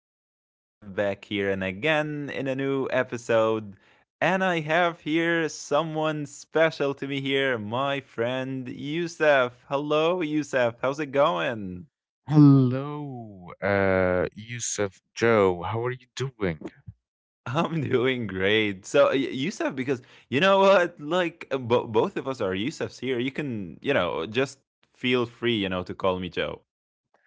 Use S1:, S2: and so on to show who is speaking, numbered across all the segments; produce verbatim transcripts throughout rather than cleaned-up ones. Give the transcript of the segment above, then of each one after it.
S1: This is Yusef back here and again in a new episode. And I have here someone special to me here, my friend Yusef. Hello, Yusef. How's it going?
S2: Hello, uh, Yusuf Joe. How are you doing?
S1: I'm doing great. So, Yusef, because you know what? Like, uh, bo- both of us are Yusefs here. You can, you know, just feel free, you know, to call me Joe.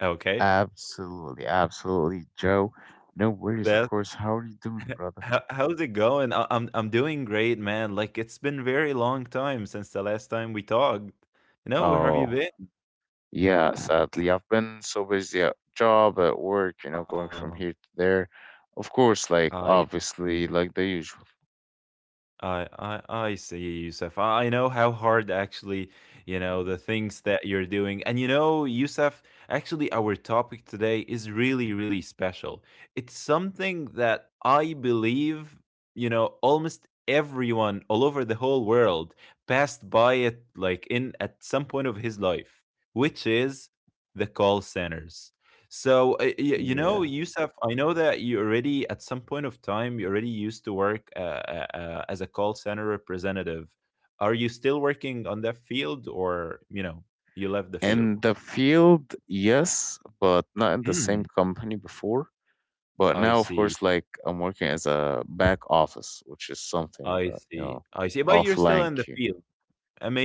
S1: Okay?
S2: Absolutely, absolutely, Joe. No worries,
S1: That's
S2: of course. How are you doing, brother?
S1: How how's it going? I I'm I'm doing great, man. Like it's been very long time since the last time we talked. You know, where have you
S2: Oh,
S1: been?
S2: yeah, sadly, I've been so busy at job, at work, you know, going
S1: Uh,
S2: from here to there. Of course, like,
S1: I
S2: obviously, like the usual.
S1: I I I see, Yusuf. I I know how hard actually, you know, the
S2: Mhm.
S1: things that you're doing. And you know, Yusuf, actually our topic today is really, really special. It's something that I believe, you know, almost everyone all over the whole world passed by it like in at some point of his life, which is the call centers. So, uh, y- you know,
S2: Yeah.
S1: Yusuf, I know that you already, at some point of time, you already used to work uh, uh, uh, as a call center representative. Are you still working on that field or, you know, you left the field?
S2: In the field, yes, but not in the same
S1: Mm,
S2: company before. But
S1: I
S2: now, of
S1: see.
S2: course, like I'm working as a back office, which is something
S1: I
S2: that, you
S1: see.
S2: know,
S1: I see. But you're still
S2: offline
S1: in the
S2: queue,
S1: field.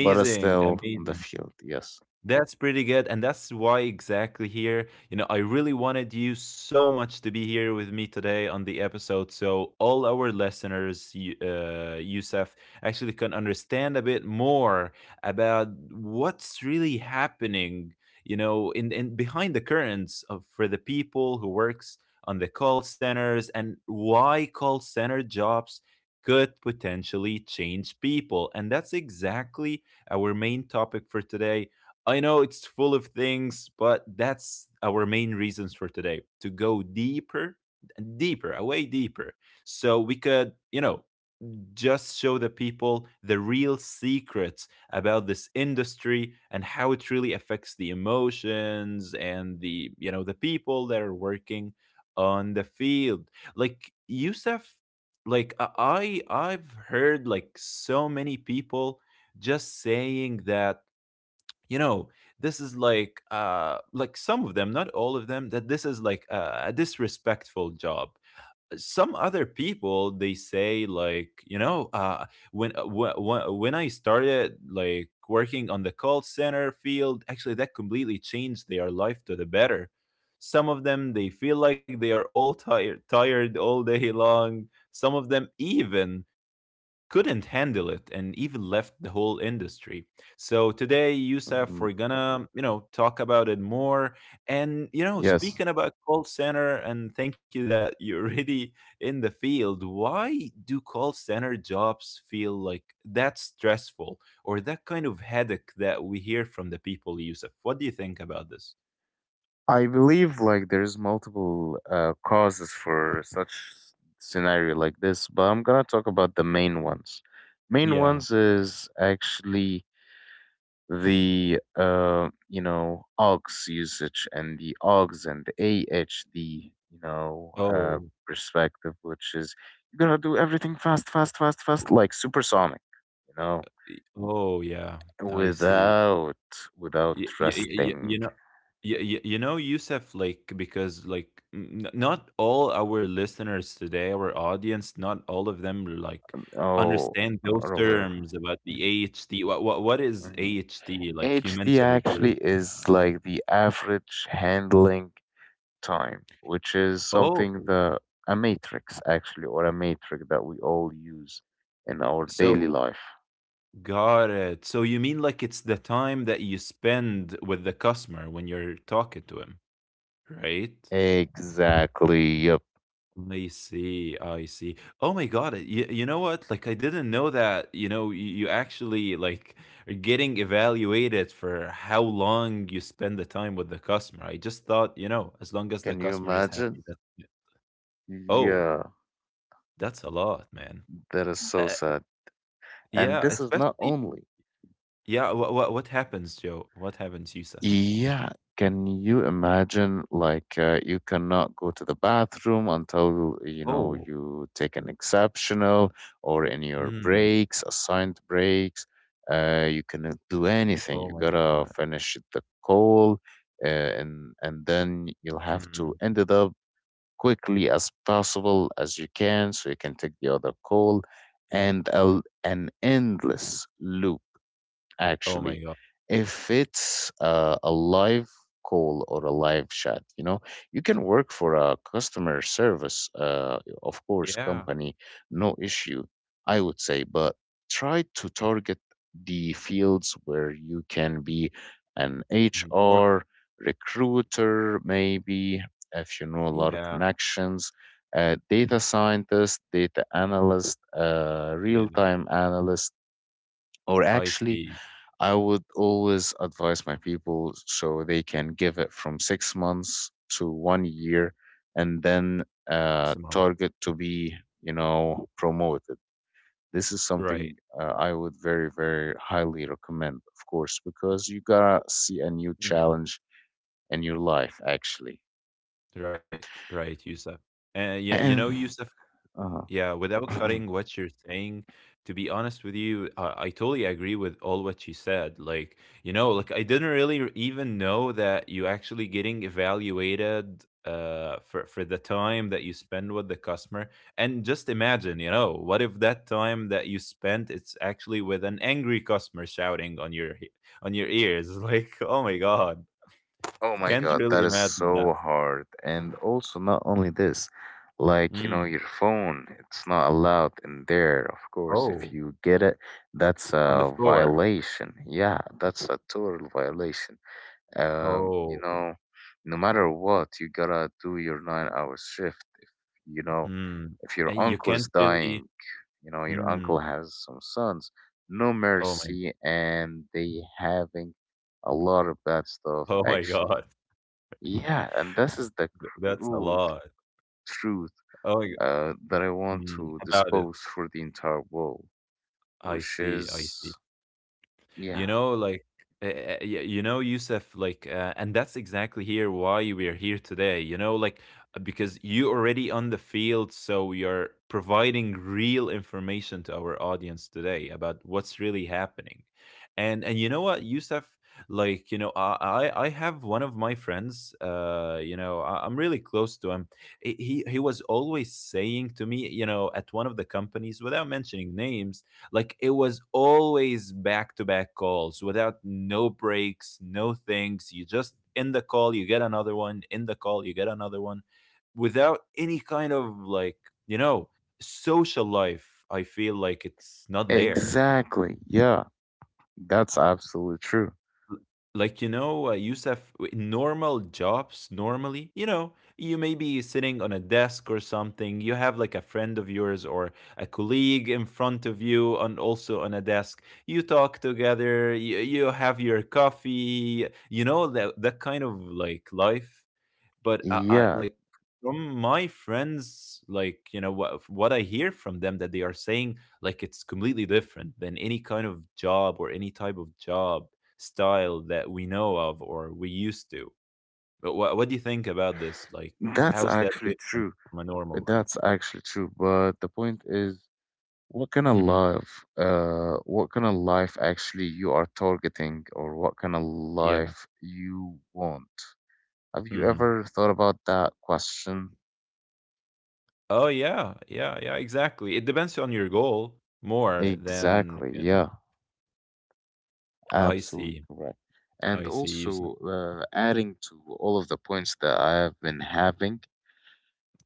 S2: but uh, still on the
S1: Amazing.
S2: field. Yes.
S1: That's pretty good. And that's why exactly here, you know, I really wanted you so much to be here with me today on the episode. So all our listeners, you- uh, Yusuf, actually can understand a bit more about what's really happening, you know, in, in behind the curtains of for the people who works on the call centers and why call center jobs could potentially change people. And that's exactly our main topic for today. I know it's full of things, but that's our main reasons for today to go deeper, deeper, way deeper. So we could, you know, just show the people the real secrets about this industry and how it really affects the emotions and the, you know, the people that are working on the field. Like Youssef, like I- I've heard like so many people just saying that you know this is like uh like some of them, not all of them, that this is like a, a disrespectful job. Some other people they say like you know uh when when when I started like working on the call center field actually that completely changed their life to the better. Some of them they feel like they are all tired tired all day long. Some of them even couldn't handle it and even left the whole industry. So today, Yusuf,
S2: Mhm.
S1: we're gonna, you know, talk about it more. And, you know,
S2: Yes.
S1: speaking about call center, and thank you that you're already in the field, why do call center jobs feel like that stressful or that kind of headache that we hear from the people, Yusuf? What do you think about this?
S2: I believe like there's multiple uh, causes for such scenario like this, but I'm gonna talk about the main ones. Main
S1: Yeah.
S2: ones is actually the uh, you know aux usage and the aux and the ahd you know uh,
S1: Oh,
S2: perspective which is you're gonna do everything fast fast fast fast like supersonic you know
S1: y- oh, yeah. I see.
S2: without without
S1: Y- y- y- y- you
S2: resting.
S1: know y- y- you know Yusuf, like because like n- n- not all our listeners today, our audience, not all of them like
S2: Oh,
S1: understand those
S2: robert.
S1: terms about the A H T. What what, what is
S2: Hmm.
S1: A H T like you
S2: Hd
S1: mentioned it
S2: actually
S1: really?
S2: is like the average handling time, which is
S1: Oh,
S2: something that a matrix actually, or a matrix that we all use in our daily
S1: so
S2: life.
S1: got it, so you mean like it's the time that you spend with the customer when you're talking to him, right?
S2: Exactly. Yep.
S1: I see. I see. Oh my god, you, you know what? Like I didn't know that, you know, you, you actually like are getting evaluated for how long you spend the time with the customer. I just thought, you know, as long as the
S2: Can you
S1: customer is
S2: imagine?
S1: happy that Oh,
S2: Yeah,
S1: that's a lot, man.
S2: that is so
S1: Uh,
S2: sad. And
S1: yeah,
S2: this is not
S1: especially
S2: only.
S1: yeah, what what what happens, Joe? What happens, Yusuf?
S2: Yeah, can you imagine like uh, you cannot go to the bathroom until you know
S1: Oh.
S2: you take an exceptional or in your
S1: Mm.
S2: breaks, assigned breaks. Uh, you cannot do anything. You
S1: Oh my
S2: gotta
S1: god.
S2: finish the call, uh, and and then you'll have to
S1: Mm.
S2: end it up quickly as possible as you can, so you can take the other call,
S1: Mm.
S2: and a, an endless loop
S1: Oh my
S2: actually
S1: god.
S2: if it's uh, a live call or a live chat, you know. You can work for a customer service uh, of course
S1: Yeah.
S2: company, no issue I would say, but try to target the fields where you can be an
S1: Mhm. More
S2: hr recruiter maybe, if you know a lot of
S1: yeah,
S2: connections, uh, data scientist, data analyst, uh,
S1: yeah.
S2: real-time analyst, or
S1: I
S2: actually
S1: see.
S2: I would always advise my people so they can give it from six months to one year, and then uh,
S1: Maximum.
S2: target to be, you know, promoted. This is something
S1: Right.
S2: uh, I would very, very highly recommend, of course, because you gotta see a new
S1: Mhm.
S2: challenge in your life, actually.
S1: Right, right, Yusuf, And yeah, you
S2: And
S1: know, Yusuf,
S2: uh,
S1: yeah, without cutting what you're saying, to be honest with you, I, I totally agree with all what you said. Like, you know, like I didn't really r- even know that you actually getting evaluated uh for for the time that you spend with the customer. And just imagine, you know, what if that time that you spent it's actually with an angry customer shouting on your he- on your ears? Like, oh my God,
S2: Oh my
S1: can't
S2: God,
S1: really
S2: that is
S1: imagine
S2: so
S1: that.
S2: hard. And also, not only this, like, you know,
S1: Mm.
S2: your phone, it's not allowed in there. Of course, if
S1: Oh,
S2: you get it, that's
S1: on the
S2: a
S1: floor.
S2: violation. Yeah, that's a total violation. Um, you
S1: Oh.
S2: know, no matter what, you gotta do your nine hour shift. If, you know,
S1: Mm.
S2: if your
S1: And you
S2: uncle is
S1: can't really
S2: dying, you know, your
S1: mm.
S2: uncle has some sons, no
S1: Oh my
S2: mercy, and they having a lot of bad stuff
S1: oh my
S2: actually.
S1: god.
S2: Yeah, and this is the cr-
S1: That's a
S2: rule
S1: lot.
S2: truth
S1: Oh, y
S2: uh, that I want
S1: mm,
S2: to
S1: about it.
S2: dispose for the entire world,
S1: I
S2: which
S1: see, I see.
S2: is,
S1: You
S2: yeah,
S1: know, like, uh, uh, y- you know, Yusuf, like, uh, and that's exactly here why we are here today, you know, like, uh, because you already on the field, so you're providing real information to our audience today about what's really happening. And, and you know what, Yusuf, like, you know, I, I, I have one of my friends, uh, you know, I, I'm really close to him. He, he, he was always saying to me, you know, at one of the companies, without mentioning names, like it was always back to back calls without no breaks, no things. You just in the call, you get another one, in the call, you get another one without any kind of like, you know, social life. I feel like it's not there.
S2: exactly. Yeah, that's absolutely true.
S1: Like, you know, uh, Yusuf, w- normal jobs, normally, you know, you may be sitting on a desk or something. You have like a friend of yours or a colleague in front of you, and also on a desk. You talk together, you, you have your coffee, you know, that, that kind of like life. But I, I
S2: Yeah,
S1: like from my friends, like you know what what I hear from them, that they are saying like it's completely different than any kind of job or any type of job style that we know of or we used to. But what, what do you think about this like
S2: that's
S1: how's that
S2: actually
S1: different
S2: true.
S1: from a normal one?
S2: That's actually true. But the point is, what kind of
S1: Hmm,
S2: life, uh, what kind of life actually you are targeting, or what kind of
S1: yeah,
S2: life you want? Have you
S1: hmm,
S2: ever thought about that question?
S1: oh yeah, yeah, yeah, exactly it depends on your goal more than
S2: Exactly,
S1: you
S2: yeah.
S1: know, I
S2: Absolutely
S1: see.
S2: correct. And
S1: I see you s-
S2: also, uh, adding to all of the points that I have been having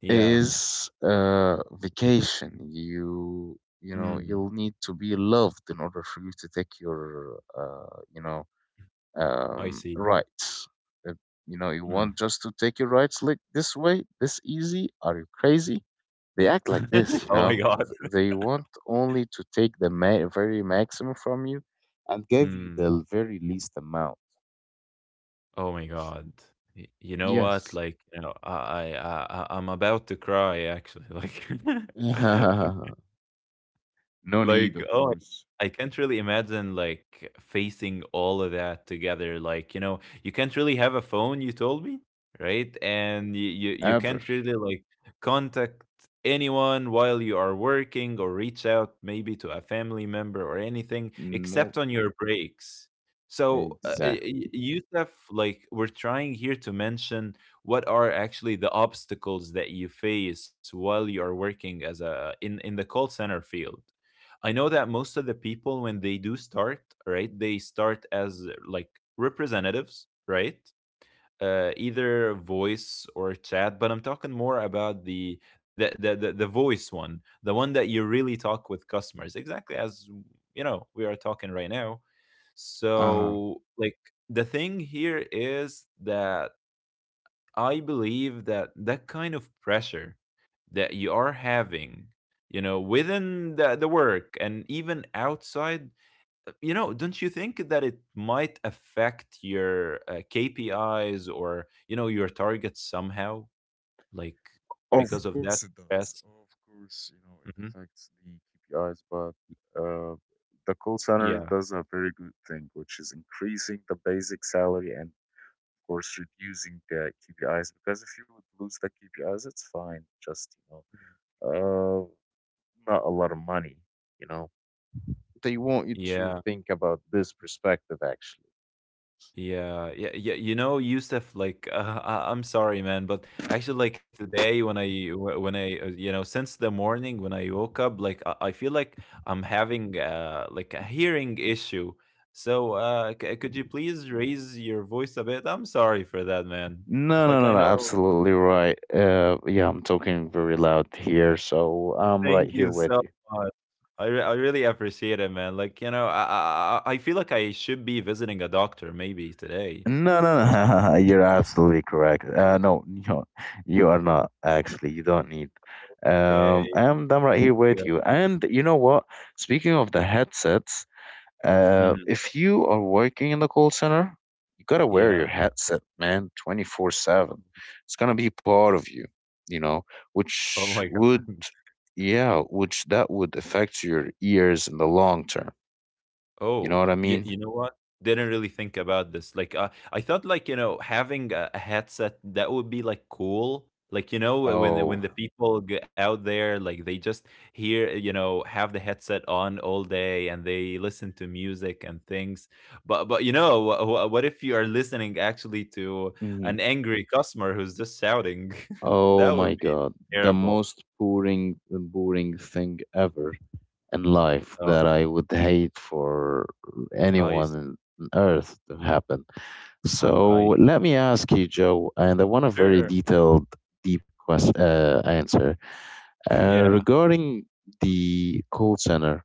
S1: yeah,
S2: is uh, vacation. You you know
S1: mm,
S2: you'll need to be loved in order for you to take your uh, you know
S1: I
S2: um,
S1: see.
S2: rights. Uh, you know you
S1: Mm.
S2: want just to take your rights like this way, this easy. Are you crazy? They act like this, you
S1: Oh my
S2: know.
S1: god.
S2: Th- They want only to take the ma- very maximum from you and give you
S1: Mm.
S2: the very least amount.
S1: Oh my god. Y- You know what?
S2: Yes.
S1: Like, you know, I I I I- I'm about to cry actually. Like
S2: No need,
S1: Like,
S2: of
S1: oh,
S2: course.
S1: I can't really imagine like facing all of that together. Like, you know, you can't really have a phone, you told me, right? And you you, you
S2: Ever.
S1: can't really like contact anyone while you are working or reach out maybe to a family member or anything
S2: No.
S1: except on your breaks. So, uh, y-
S2: Exact.
S1: y- Yusuf, like we're trying here to mention what are actually the obstacles that you face while you are working as a in in the call center field. I know that most of the people when they do start, right, they start as uh, like representatives, right? Uh, either voice or chat, but I'm talking more about the the, the the the voice one, the one that you really talk with customers, exactly as you know we are talking right now.
S2: Uh-huh.
S1: So like the thing here is that I believe that that kind of pressure that you are having you know within the, the work and even outside uh, you know don't you think that it might affect your uh, K P Is or you know your targets somehow, like
S2: Of
S1: because of
S2: course
S1: that
S2: it does.
S1: stress?
S2: Of course, you know, it
S1: Hmm,
S2: affects the K P Is, but uh, the call center
S1: yeah,
S2: does a very good thing, which is increasing the basic salary and, of course, reducing the K P Is. Because if you would lose the K P Is, it's fine. Just, you know, uh, not a lot of money, you know. They want you to
S1: yeah.
S2: think about this perspective, actually.
S1: Yeah, yeah, yeah. You know, Yusuf, like, uh, I- I'm sorry, man, but actually, like today, when I, wh- when I, uh, you know, since the morning when I woke up, like, I, I feel like I'm having, uh, like a hearing issue. So, uh, c- could you please raise your voice a bit? I'm sorry for that, man.
S2: No,
S1: Like,
S2: no,
S1: I
S2: no, no,
S1: know.
S2: absolutely right. Uh, yeah, I'm talking very loud here, so I'm
S1: Thank
S2: right
S1: you
S2: here
S1: so
S2: with you.
S1: much. I, re- I really appreciate it, man. Like, you know, I, I, I I feel like I should be visiting a doctor maybe today
S2: No, no,
S1: or.
S2: no, you're absolutely correct. Uh, no, no, you are not actually. You don't need. Um,
S1: Okay.
S2: I'm, I'm right here
S1: Yeah.
S2: with you. And you know what? Speaking of the headsets, Uh,
S1: Mhm.
S2: if you are working in the call center, you gotta wear your
S1: Yeah.
S2: headset, man, twenty-four seven. It's gonna be part of you, you know, which
S1: Oh my
S2: would, yeah, which that would affect your ears in the long term. You know
S1: Oh,
S2: what I
S1: yeah.
S2: mean?
S1: You know what? Didn't really think about this. Like, uh, I thought, like, you know, having a, a headset that would be like cool. Like, you know, when the, when
S2: Oh,
S1: the people g- out there, like, they just hear, eh, you know, have the headset on all day and they listen to music and things. But but you know, what, what if you are listening actually to an
S2: mhm.
S1: angry customer who's just shouting?
S2: Oh
S1: That would
S2: my
S1: be
S2: God.
S1: like,
S2: The
S1: terrible.
S2: most boring, boring thing ever in life
S1: Uh,
S2: that I would hate for
S1: I,
S2: anyone
S1: s-
S2: on earth to happen.
S1: I,
S2: So
S1: I-
S2: let me ask you, Joe, and I want a
S1: sure.
S2: very detailed, deep quest- uh, answer uh,
S1: Yeah,
S2: regarding the call center.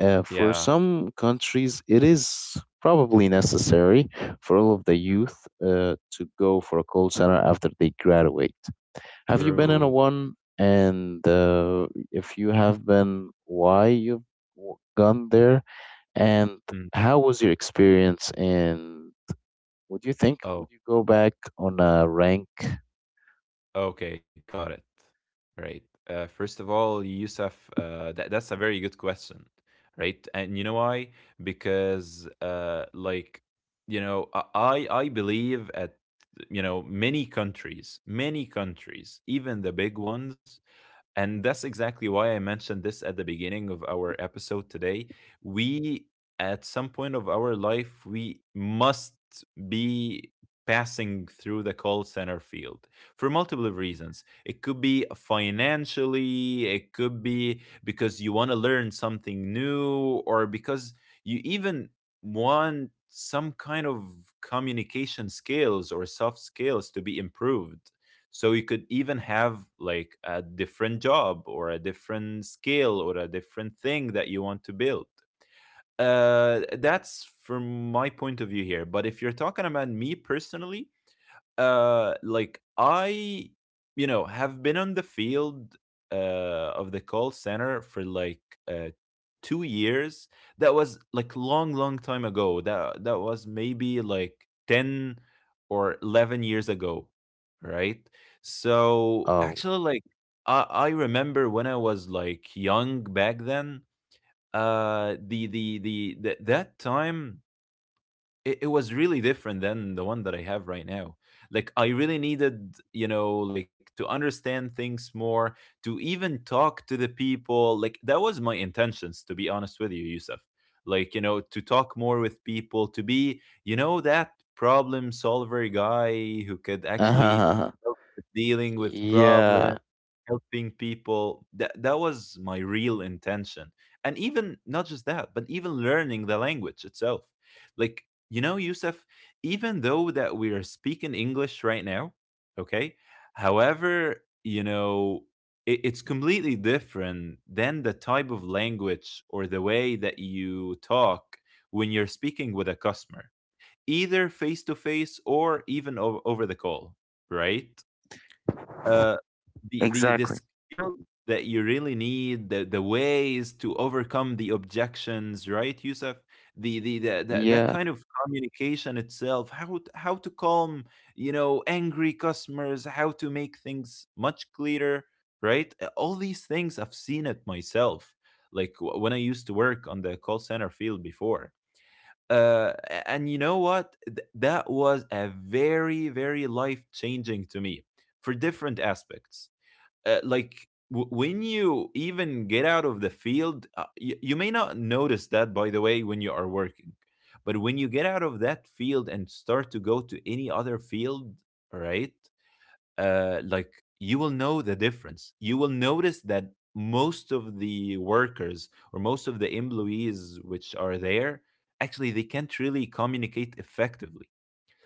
S2: Uh, for
S1: yeah.
S2: some countries, it is probably necessary for all of the
S1: Mhm.
S2: youth uh, to go for a call center after they graduate. Have you been in a
S1: True.
S2: one? And uh, if you have been, why you've w- gone there? And
S1: Mm-hmm.
S2: how was your experience? And would you think would you
S1: Oh,
S2: go back on a rank?
S1: okay, got it. Right. Uh, first of all, Yusuf, uh, that that's a very good question, right? And you know why? Because uh, like, you know, I I I believe at, you know, many countries, many countries, even the big ones. And that's exactly why I mentioned this at the beginning of our episode today. We, at some point of our life, we must be passing through the call center field for multiple reasons. It could be financially, it could be because you want to learn something new, or because you even want some kind of communication skills or soft skills to be improved, so you could even have like a different job or a different skill or a different thing that you want to build. Uh that's from my point of view here, but if you're talking about me personally, uh like i you know have been on the field uh of the call center for like uh two years. That was like long long time ago. That that was maybe like ten or eleven years ago, right? So
S2: Oh,
S1: actually, like i, I remember when i was like young back then. Uh the the the, the that time it, it was really different than the one that I have right now. Like I really needed, you know, like to understand things more, to even talk to the people. Like that was my intentions, to be honest with you, Yusuf. Like, you know, to talk more with people, to be, you know, that problem solver guy who could actually
S2: uh-huh.
S1: help with dealing with
S2: Yeah,
S1: problems, helping people. That that was my real intention. And even not just that, but even learning the language itself. Like, you know, Yusuf, even though that we are speaking English right now, okay, however, you know, it, it's completely different than the type of language or the way that you talk when you're speaking with a customer, either face to face or even o- over the call, right? Uh, the the the
S2: exactly.
S1: skills that you really need, the the ways to overcome the objections, right, Yusuf? The the, the, the that
S2: Yeah,
S1: kind of communication itself, how to, how to calm, you know, angry customers, how to make things much clearer, right? Uh, All these things I've seen it myself, like w- when I used to work on the call center field before. Uh, a- and you know what? Th- that was a very very life changing to me for different aspects. Uh, like w- when you even get out of the field, uh, y- you may not notice that, by the way, when you are working, but when you get out of that field and start to go to any other field, right, uh, like you will know the difference. You will notice that most of the workers or most of the employees which are there actually they can't really communicate effectively.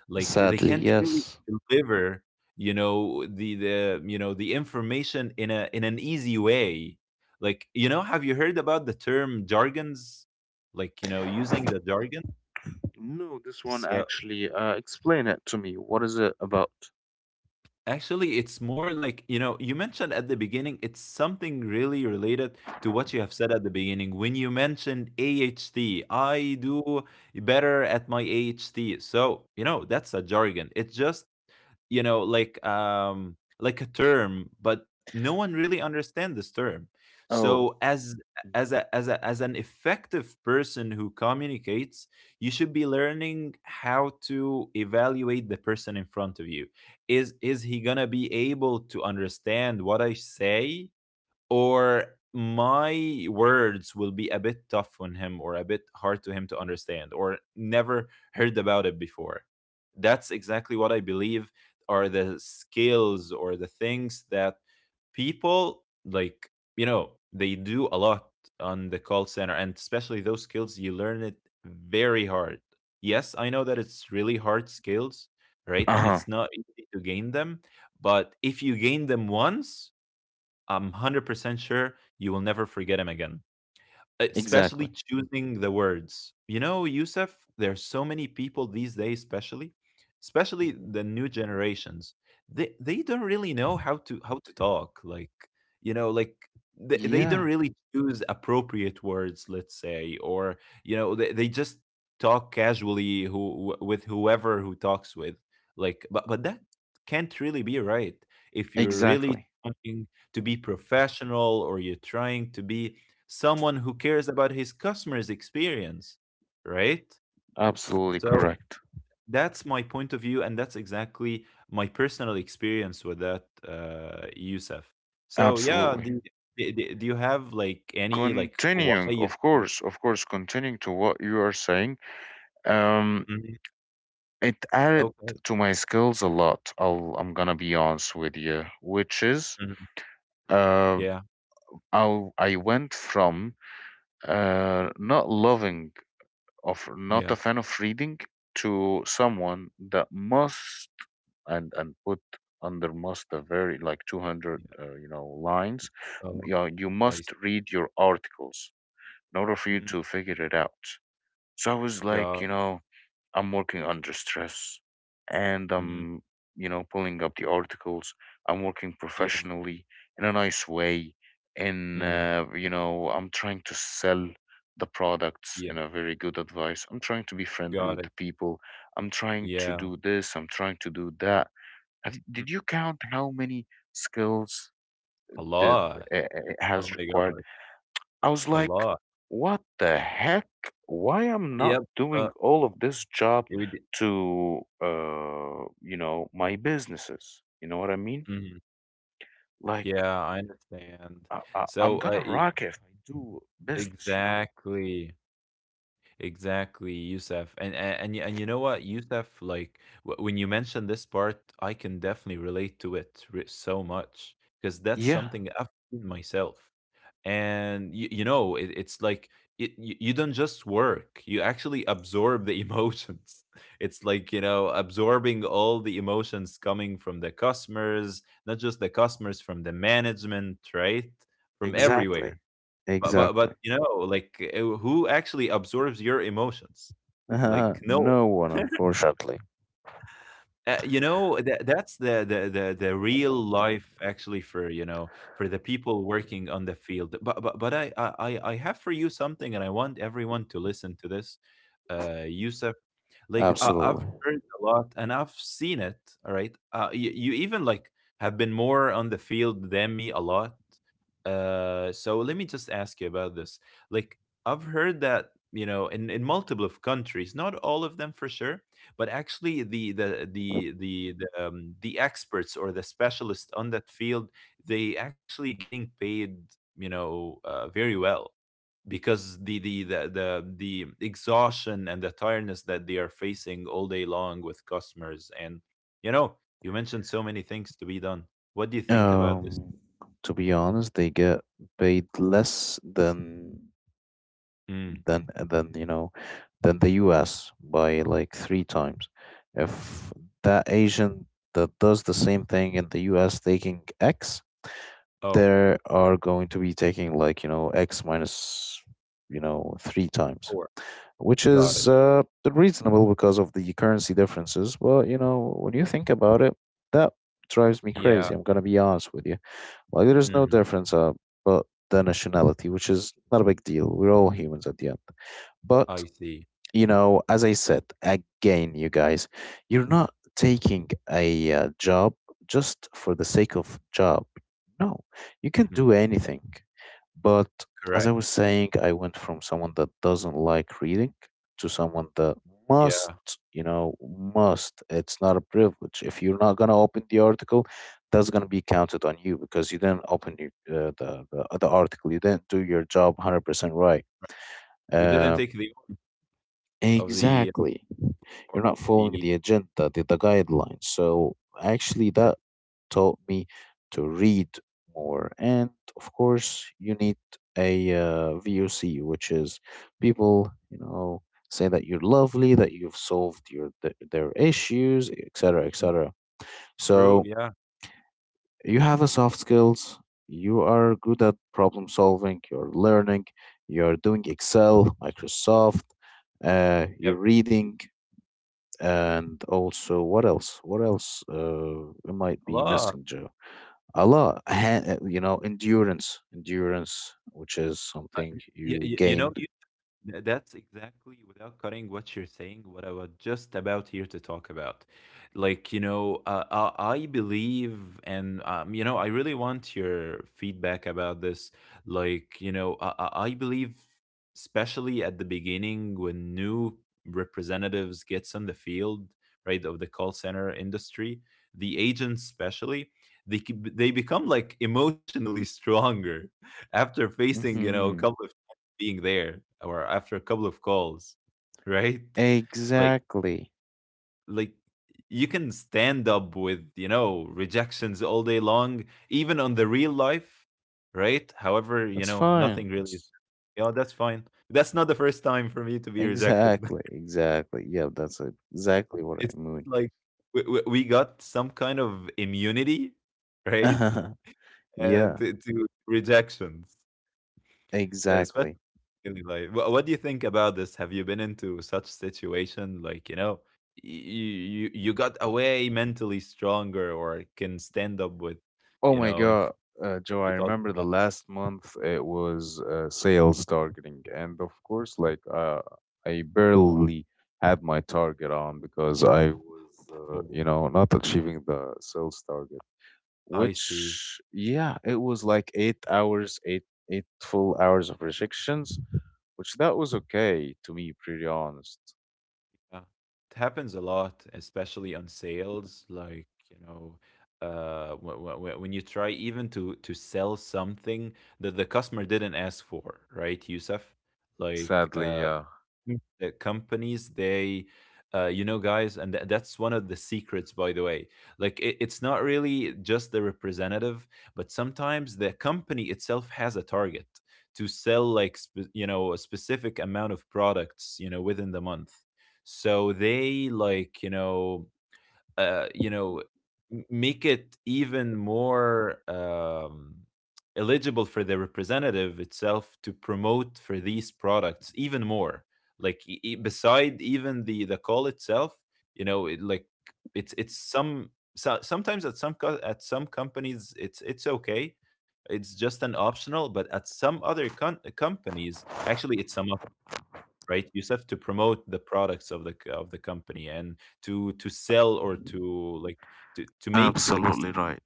S1: Like they
S2: sadly,
S1: can't really
S2: yes.
S1: deliver, you know, the the you know the information in a in an easy way. Like, you know, have you heard about the term jargons? Like, you know, using the jargons.
S2: No, this one
S1: So
S2: actually. Uh, explain it to me. What is it about?
S1: actually, it's more like, you know, you mentioned at the beginning, it's something really related to what you have said at the beginning when you mentioned A H T. I do better at my A H T. So, you know, that's a jargon. It just, you know, like um like a term, but no one really understands this term. So
S2: Oh,
S1: as as a as a as an effective person who communicates, you should be learning how to evaluate the person in front of you. Is is he gonna be able to understand what i say, or my words will be a bit tough on him or a bit hard to him to understand, or never heard about it before. That's exactly what I believe are the skills or the things that people, like, you know, they do a lot on the call center, and especially those skills you learn it very hard. Yes, I know that it's really hard skills, right? And
S2: uh-huh.
S1: it's not easy to gain them, but if you gain them once, I'm one hundred percent sure you will never forget him again.
S2: Exactly.
S1: Especially choosing the words. You know, Yusuf, there's so many people these days, especially, especially
S2: Mhm.
S1: the new generations. They they don't really know how to how to talk. Like, you know, like they, they don't
S2: Yeah,
S1: really choose appropriate words, let's say, or, you know, they, they just talk casually who wh- with whoever who talks with. Like, but but that can't really be right if you're really
S2: exactly.
S1: trying to be professional or you're trying to be someone who cares about his customer's experience, right?
S2: Absolutely
S1: So
S2: correct.
S1: that's my point of view, and that's exactly my personal experience with that, uh, Yusuf. So yeah,
S2: Absolutely.
S1: the, the, the- do you have like any like why
S2: Continuing,
S1: you?
S2: of course, of course, continuing to what you are saying, um,
S1: Mhm.
S2: it added
S1: Okay.
S2: to my skills a lot. I'll, I'm gonna be honest with you, which is,
S1: Mhm.
S2: uh,
S1: Yeah.
S2: I I went from uh, not loving of not
S1: Yeah.
S2: a fan of reading to someone that must and and put under must a very like two hundred
S1: Yeah.
S2: uh, you know lines.
S1: Oh,
S2: You know, you
S1: I see.
S2: must read your articles in order for you
S1: Mhm.
S2: to figure it out, so I was
S1: Got
S2: like, you
S1: it.
S2: know, I'm working under stress. And
S1: Mhm.
S2: I'm, you know, pulling up the articles. I'm working
S1: Yeah.
S2: professionally in a nice way. In,
S1: Hmm.
S2: uh, you know, I'm trying to sell the products
S1: Yeah.
S2: in a very good advice. I'm trying to be friendly
S1: Got
S2: with
S1: it.
S2: the people. I'm trying to
S1: Yeah.
S2: do this. I'm trying to do that. Have,
S1: mm,
S2: did you count how many skills
S1: A
S2: that
S1: lot.
S2: uh, uh,
S1: Oh
S2: has
S1: my
S2: required?
S1: God.
S2: I was
S1: A
S2: like,
S1: lot.
S2: what the heck? Why I am not
S1: Yep. Uh,
S2: doing all of this job
S1: we
S2: to uh you know my businesses? You know what I mean?
S1: did.
S2: Like
S1: Yeah, I understand.
S2: I, I,
S1: So,
S2: I'm
S1: uh,
S2: gonna
S1: e
S2: rock if I do business, you know?
S1: exactly, exactly, Youssef. And and and y- and you know what, Youssef, like w when you mentioned this part, I can definitely relate to it re so much because that's
S2: Yeah,
S1: something I've seen myself. And you, you know, it, it's like it, you, you don't just work, you actually absorb the emotions it's like, you know, absorbing all the emotions coming from the customers, not just the customers, from the management, right? From
S2: exactly.
S1: everywhere. but but
S2: Exactly.
S1: but you know like, uh, who actually absorbs your emotions? Like, no.
S2: No one, unfortunately.
S1: Uh, you know that that's the, the the the real life actually for, you know, for the people working on the field. But but, but I, I i I have for you something and i want everyone to listen to this, uh Yusuf. Like, uh,
S2: Absolutely.
S1: I've heard a lot and I've seen it. All right, uh, you, you even like have been more on the field than me a lot. Uh, so let me just ask you about this. Like, I've heard that, you know, in in multiple of countries, not all of them for sure, but actually the the the the the, um, the experts or the specialists on that field, they actually getting paid, you know, uh, very well, because the the the the, the exhaustion and the tiredness that they are facing all day long with customers and, you know, you mentioned so many things to be done. What do you think about this?
S2: Um, to be honest, they get paid less than
S1: Mm.
S2: than than you know than the U S by like three times. If that agent that does the same thing in the U S taking X,
S1: Oh,
S2: there are going to be taking like you know X minus you know three times,
S1: poor.
S2: which
S1: Got
S2: is
S1: it.
S2: uh, reasonable because of the currency differences. But you know when you think about it, that drives me
S1: Yeah.
S2: crazy. I'm gonna be honest with you. Like there is no
S1: Mm.
S2: difference uh, but the nationality, which is not a big deal. We're all humans at the end. But
S1: I see.
S2: you know, as I said again, you guys, you're not taking a uh, job just for the sake of job. No, you can
S1: Mm.
S2: do anything. But as
S1: Correct.
S2: I was saying, I went from someone that doesn't like reading to someone that must,
S1: Yeah.
S2: you know, must. It's not a privilege. If you're not gonna open the article, that's gonna be counted on you because you didn't open your, uh, the, the the article. You didn't do your job one hundred percent right.
S1: You didn't
S2: Um,
S1: take the of the
S2: exactly. You're
S1: or of
S2: not following
S1: the
S2: the agenda, the, the guidelines. So actually,
S1: or-
S2: that taught me to read more. And of course, you need a uh, V O C, which is people, you know, say that you're lovely, that you've solved your th- their issues, et cetera,
S1: mm,
S2: et cetera.
S1: true,
S2: So
S1: yeah.
S2: you have a soft skills. You are good at problem solving. You're learning. You're doing Excel, Microsoft. Uh,
S1: Yeah.
S2: you're reading, and also, what else what else, uh, it might
S1: A
S2: be
S1: lot.
S2: messenger a lot
S1: like,
S2: ha- uh, you know, endurance, endurance which is
S1: I-
S2: something
S1: y-
S2: you
S1: y- you know,
S2: gain.
S1: Th- That's exactly, without cutting what you're saying, what I was just about here to talk about. Like, you know, uh, I I believe, and, um, you know, I really want your feedback about this. Like, you know, I, I I believe, especially at the beginning when new representatives gets on the field, right, of the call center industry, the agents especially, they, c- they become like emotionally stronger after facing, you know, a
S2: Hmm,
S1: couple of being there, or after a couple of calls, right? Like
S2: exactly.
S1: like you can stand up with, you know, rejections all day long, even on the real life, right? However, you
S2: That's
S1: know, nothing
S2: fine.
S1: really,
S2: It's-
S1: yeah, that's fine. That's not the first time for me to be rejected.
S2: exactly, exactly, yeah, that's exactly what
S1: It's
S2: I mean.
S1: like we, we we got some kind of immunity, right? Uh,
S2: Yeah,
S1: to, to rejections, especially
S2: exactly.
S1: really, like, wha- what do you think about this? Have you been into such situation? Like, you know, you you you got away mentally stronger, or can stand up with,
S2: Oh
S1: you
S2: my
S1: know, in, fr-
S2: God, uh, Joe, I
S1: because of
S2: remember the
S1: that.
S2: last month it was uh, sales targeting. And of course, like uh, I barely had my target on because I was, uh, you
S1: Oh,
S2: know, not achieving the sales target,
S1: I see.
S2: which, yeah, it was like eight hours, eight, eight full hours of rejections, which that was okay to me, pretty honest.
S1: Yeah. It happens a lot, especially on sales. Like, you know, uh, when, when you try even to to sell something that the customer didn't ask for, right, Yusuf? Like,
S2: Sadly,
S1: uh,
S2: yeah.
S1: Mm. Uh, companies they, uh, you know, guys, and tha- that's one of the secrets, by the way, like it, it's not really just the representative, but sometimes the company itself has a target to sell like sp- you know, a specific amount of products, you know, within the month. So they, like, you know, uh, you know, m- make it even more um, eligible for the representative itself to promote for these products even more. Like, e- e- beside even the the call itself, you know, it, like it's it's some so, sometimes at some co- at some companies it's it's okay. It's just an optional, but at some other con- companies, actually, it's a must. Right, you just have to promote the products of the c- of the company, and to to sell or to, like, to to make like s-
S2: Absolutely right.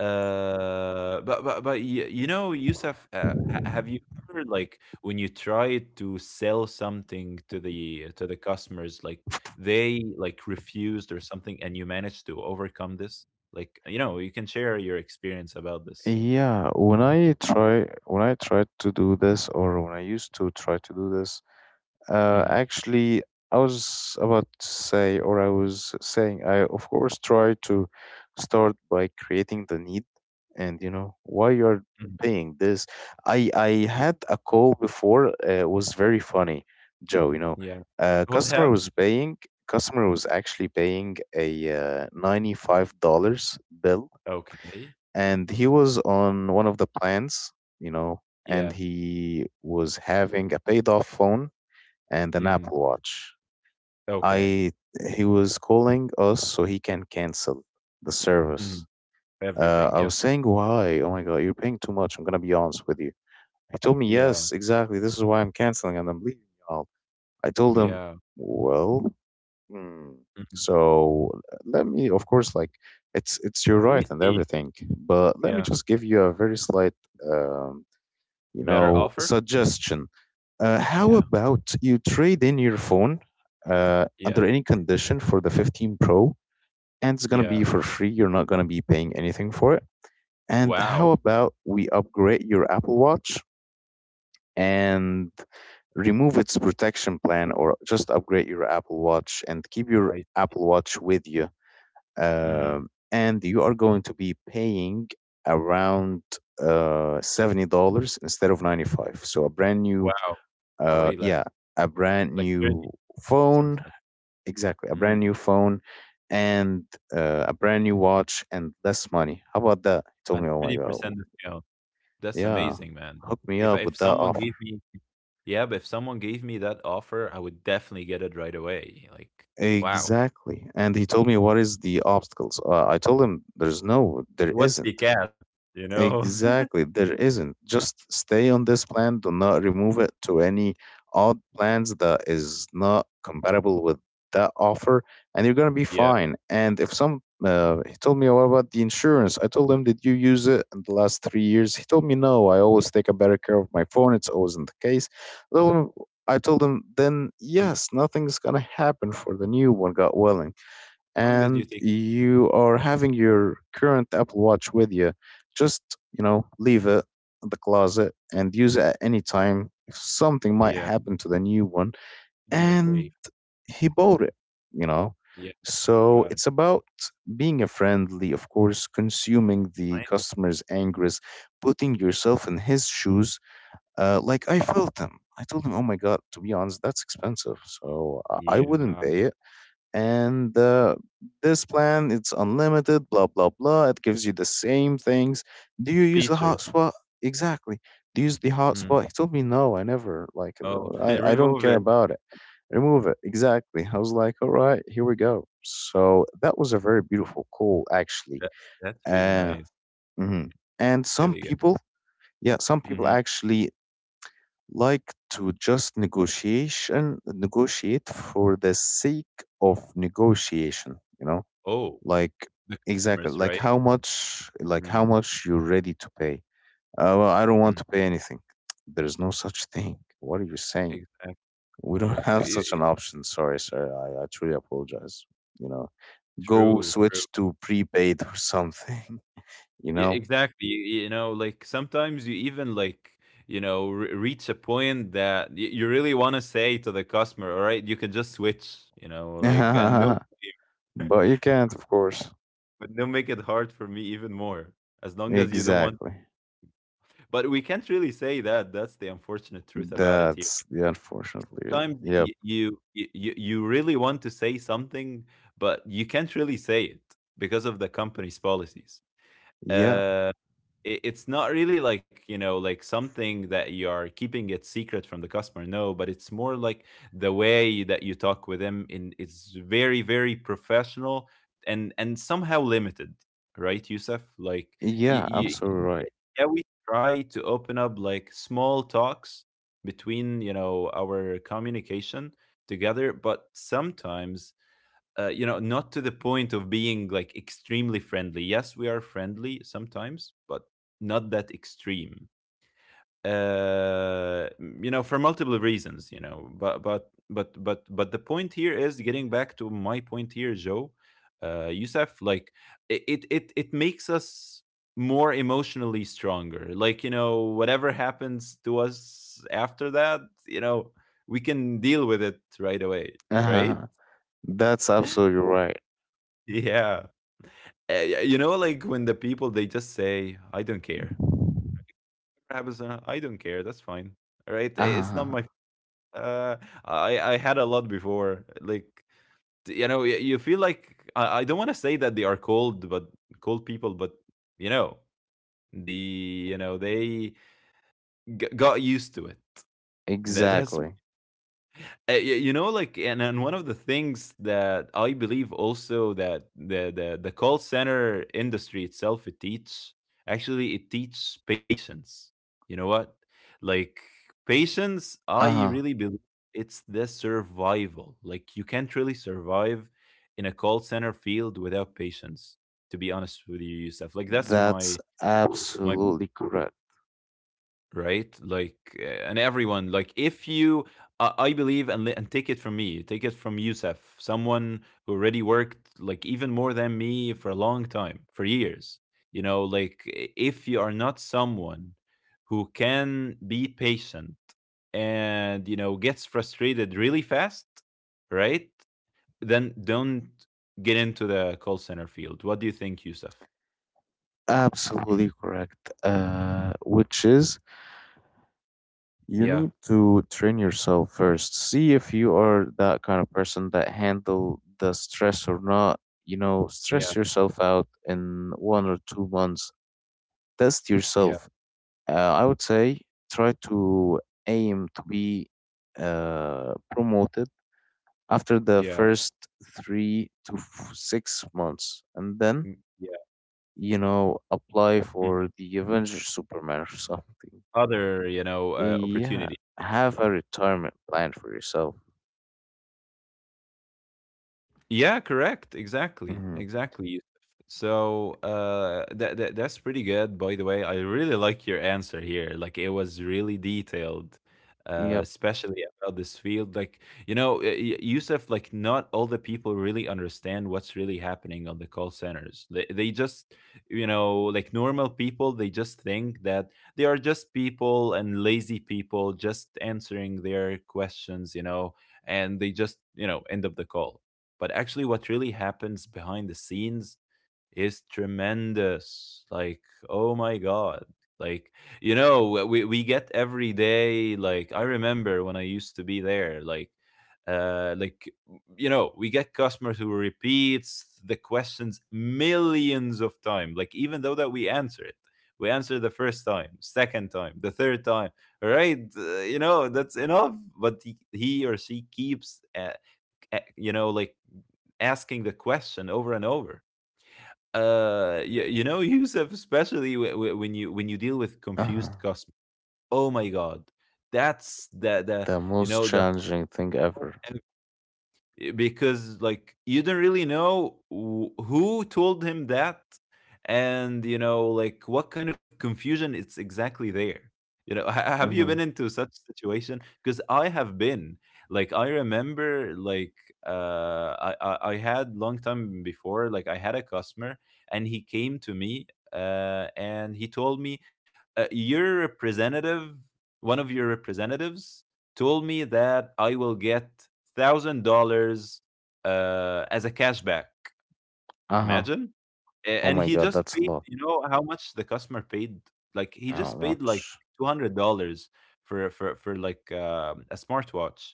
S1: uh, but but, but y- you know, Yusuf, uh, ha- have you ever like when you try to sell something to the to the customers, like they like refused or something and you managed to overcome this, like, you know, you can share your experience about this.
S2: Yeah, when I try when I tried to do this, or when I used to try to do this, uh
S1: Hmm.
S2: actually, I was about to say, or I was saying, I of course try to start by creating the need and you know why you're paying this. I I had a call before, uh, it was very funny, Joe, you know.
S1: Yeah.
S2: Uh
S1: What
S2: customer was
S1: happened?
S2: paying customer was actually paying a uh, ninety-five dollars bill,
S1: Okay.
S2: and he was on one of the plans, you know,
S1: Yeah.
S2: and he was having a paid off phone and an
S1: Hmm.
S2: Apple Watch.
S1: Okay.
S2: I He was calling us so he can cancel the
S1: Mm-hmm.
S2: service. Uh,
S1: Everything,
S2: I
S1: yeah.
S2: was saying, why? Oh my god, you're paying too much. I'm gonna be honest with you. He told me,
S1: Yeah,
S2: yes, exactly. This is why I'm canceling and I'm leaving y'all. I told him,
S1: yeah.
S2: well. Mm.
S1: Mhm.
S2: So uh, let me, of course, like, it's it's your
S1: Let me
S2: right and
S1: see.
S2: everything, but let me
S1: Yeah.
S2: just give you a very slight, um, you
S1: Better
S2: know,
S1: offer?
S2: suggestion. Uh, how
S1: Yeah,
S2: about you trade in your phone uh,
S1: yeah,
S2: under any condition for the fifteen Pro, and it's gonna be
S1: yeah.
S2: for free. You're not gonna be paying anything for it. And how
S1: Wow,
S2: about we upgrade your Apple Watch and remove its protection plan, or just upgrade your Apple Watch and keep your
S1: I see.
S2: Apple Watch with you,
S1: Mhm.
S2: um, and you are going to be paying around uh, seventy dollars instead of ninety five. So a brand new,
S1: Wow. Uh,
S2: uh,
S1: way less,
S2: yeah, a brand
S1: like
S2: new
S1: thirty percent
S2: phone,
S1: less.
S2: exactly, a
S1: Mm,
S2: brand new phone, and uh, a brand new watch and less money. How about that? He
S1: and
S2: told me, oh my god,
S1: thirty percent discount. That's
S2: yeah,
S1: amazing, man.
S2: hook me
S1: If
S2: up
S1: if
S2: with that
S1: someone gave
S2: offer.
S1: me... Yeah, but if someone gave me that offer, I would definitely get it right away. Like, wow.
S2: Exactly, and he told me, what is the obstacles. Uh, I told him, there's no, there
S1: What's the
S2: isn't.
S1: catch, you know?
S2: Exactly. There isn't. Just stay on this plan. Do not remove it to any odd plans that is not compatible with that offer, and you're gonna be
S1: Yeah.
S2: fine. And if some, uh, He told me, "Oh, what about the insurance." I told him, did you use it in the last three years? He told me, no. I always take a better care of my phone. It's always in the case. Well, I told him, then
S1: Mhm.
S2: yes, nothing's gonna happen for the new one. God willing.
S1: As long as you
S2: And
S1: take...
S2: you are having your current Apple Watch with you, just, you know, leave it in the closet and use it at any time if something might
S1: Yeah,
S2: happen to the new one.
S1: we're
S2: And
S1: safe.
S2: he bought it, you know.
S1: Yeah,
S2: So
S1: got it.
S2: it's about being a friendly, of course, consuming the
S1: I...
S2: customer's angers, putting yourself in his shoes. Uh, like, I felt him. I told him, "Oh my God, to be honest, that's expensive, so I I
S1: Yeah,
S2: wouldn't pay
S1: um,
S2: it." And uh, this plan, it's unlimited, blah blah blah, it gives you the same things. Do you use the
S1: features.
S2: hotspot? Exactly. Do you use the
S1: Mm.
S2: hotspot? He told me, no, I never, like,
S1: Oh,
S2: uh, i, I don't
S1: remove
S2: care
S1: it.
S2: about it. Remove it. Exactly. I was like, all right, here we go. So that was a very beautiful call actually.
S1: That that's really
S2: uh,
S1: nice.
S2: mhm. And some
S1: Really good.
S2: people, yeah, some people
S1: Mhm.
S2: actually like to just negotiation negotiate for the sake of negotiation, you know,
S1: Oh,
S2: like,
S1: the
S2: exactly,
S1: customers,
S2: like
S1: right?
S2: how much, like how
S1: Mm,
S2: much you're ready to pay. Uh, well, I don't
S1: mm,
S2: want to pay anything. There's no such thing. What are you saying?
S1: exactly.
S2: We don't
S1: Yeah,
S2: have such
S1: yeah,
S2: an option. Sorry, sir. I, I truly apologize. You know, go
S1: true, true.
S2: switch to prepaid or something. You
S1: Yeah,
S2: know,
S1: exactly. You, you know, like sometimes you even like, you know, re- reach a point that y- you really want to say to the customer, all right, you can just switch, you know, like, and no,
S2: but you can't, of course.
S1: but don't make it hard for me even more, as long as you don't want.
S2: Exactly.
S1: But we can't really say that. That's the unfortunate truth about it here.
S2: That's the unfortunate reason.
S1: Sometimes
S2: Yep.
S1: y- you, you you you really want to say something, but you can't really say it because of the company's policies.
S2: Yeah.
S1: uh it- it's not really like, you know like something that you are keeping it secret from the customer. No, but it's more like the way that you talk with them in, it's very, very professional and and somehow limited, right, Yusuf? Like, you,
S2: Yeah.
S1: yeah,
S2: Absolutely
S1: yeah, we try to open up like small talks between, you know our communication together. But sometimes uh, you know, not to the point of being like extremely friendly. Yes, we are friendly sometimes, but not that extreme. Uh, you know, for multiple reasons. You know, but but but but but the point here is getting back to my point here, Joe. Uh, Youssef, like it, it it it makes us more emotionally stronger. Like, you know, whatever happens to us after that, you know, we can deal with it right away, right?
S2: right. That's absolutely
S1: Yeah. Uh, you know, like when the people they just say, "I don't care." Whatever happens, uh, I don't care. That's fine, all right? It's not
S2: right.
S1: my... Uh, I I had a lot before. Like, d- you know, y- you feel like I, I don't want to say that they are cold, but cold people. But you know, the, you know, they g- got used to it. Tha- that's...
S2: Exactly.
S1: Uh, you know, like, and, and one of the things that I believe also, that the, the, the call center industry itself, it teaches, actually, it teaches patience. You know what? Like, patience, I
S2: Uh-huh.
S1: really believe it's the survival. Like, you can't really survive in a call center field without patience, to be honest with you, Yusuf. Like, that's
S2: That's
S1: my, my...
S2: absolutely correct.
S1: right? Like, uh, and everyone, like, if you, uh, I believe, and, li- and take it from me, take it from Youssef, someone who already worked, like, even more than me for a long time, for years, you know, like, I- if you are not someone who can be patient and, you know, gets frustrated really fast, right? Then don't get into the call center field. What do you think, Youssef? Mhm.
S2: Absolutely correct. Uh, which is, you
S1: Yeah,
S2: need to train yourself first. See if you are that kind of person that handle the stress or not. You know,
S1: yeah,
S2: stress yourself out in one or two months. Test
S1: yeah,
S2: yourself. Uh, I would say, try to aim to be uh, promoted after the
S1: yeah,
S2: first three to f- six months, and then,
S1: mm,
S2: you know, apply for
S1: yeah.
S2: the Avengers Superman or something.
S1: Other, you know, uh,
S2: Yeah,
S1: opportunities...
S2: have a retirement plan for yourself.
S1: Yeah, correct. Exactly.
S2: Hmm.
S1: Exactly. Yusuf. So uh that, that that's pretty good, by the way. I really like your answer here. Like, it was really detailed. Uh,
S2: Yep.
S1: especially about this field, like, you know uh, Y- Yusuf, like not all the people really understand what's really happening on the call centers. They they just, you know like normal people, they just think that they are just people and lazy people just answering their questions, you know, and they just, you know end up the call. But actually, what really happens behind the scenes is tremendous. Like, oh my God. Like, you know, we, we get every day, like, I remember when I used to be there, like, uh, like, you know, we get customers who repeats the questions millions of times. Like, even though that we answer it, we answer the first time, second time, the third time, right, uh, you know, that's enough. But he, he or she keeps uh, uh, you know, like, asking the question over and over. Uh, you, you know, Yusuf, especially w- w- when you, when you deal with
S2: Uh-huh.
S1: confused customers. Oh my God, that's the the
S2: The
S1: you
S2: most
S1: know, the
S2: challenging thing
S1: whole
S2: ever.
S1: eh, because like you don't really know wh- who told him that, and you know like what kind of confusion it's exactly there, you know. Ha- have you been
S2: Mm-hmm.
S1: into such situation? Because I have been. Like, I remember like, uh I, I i had long time before, like I had a customer, and he came to me uh and he told me, uh, your representative, one of your representatives, told me that I will get thousand dollars, uh dollars, as a cashback.
S2: Uh-huh.
S1: Imagine. A-
S2: Oh
S1: and
S2: my
S1: he
S2: god,
S1: just
S2: that's a
S1: paid,
S2: lot.
S1: you know how much the customer paid? Like he
S2: How
S1: just paid like
S2: much?
S1: two hundred dollars for for for like um a smartwatch.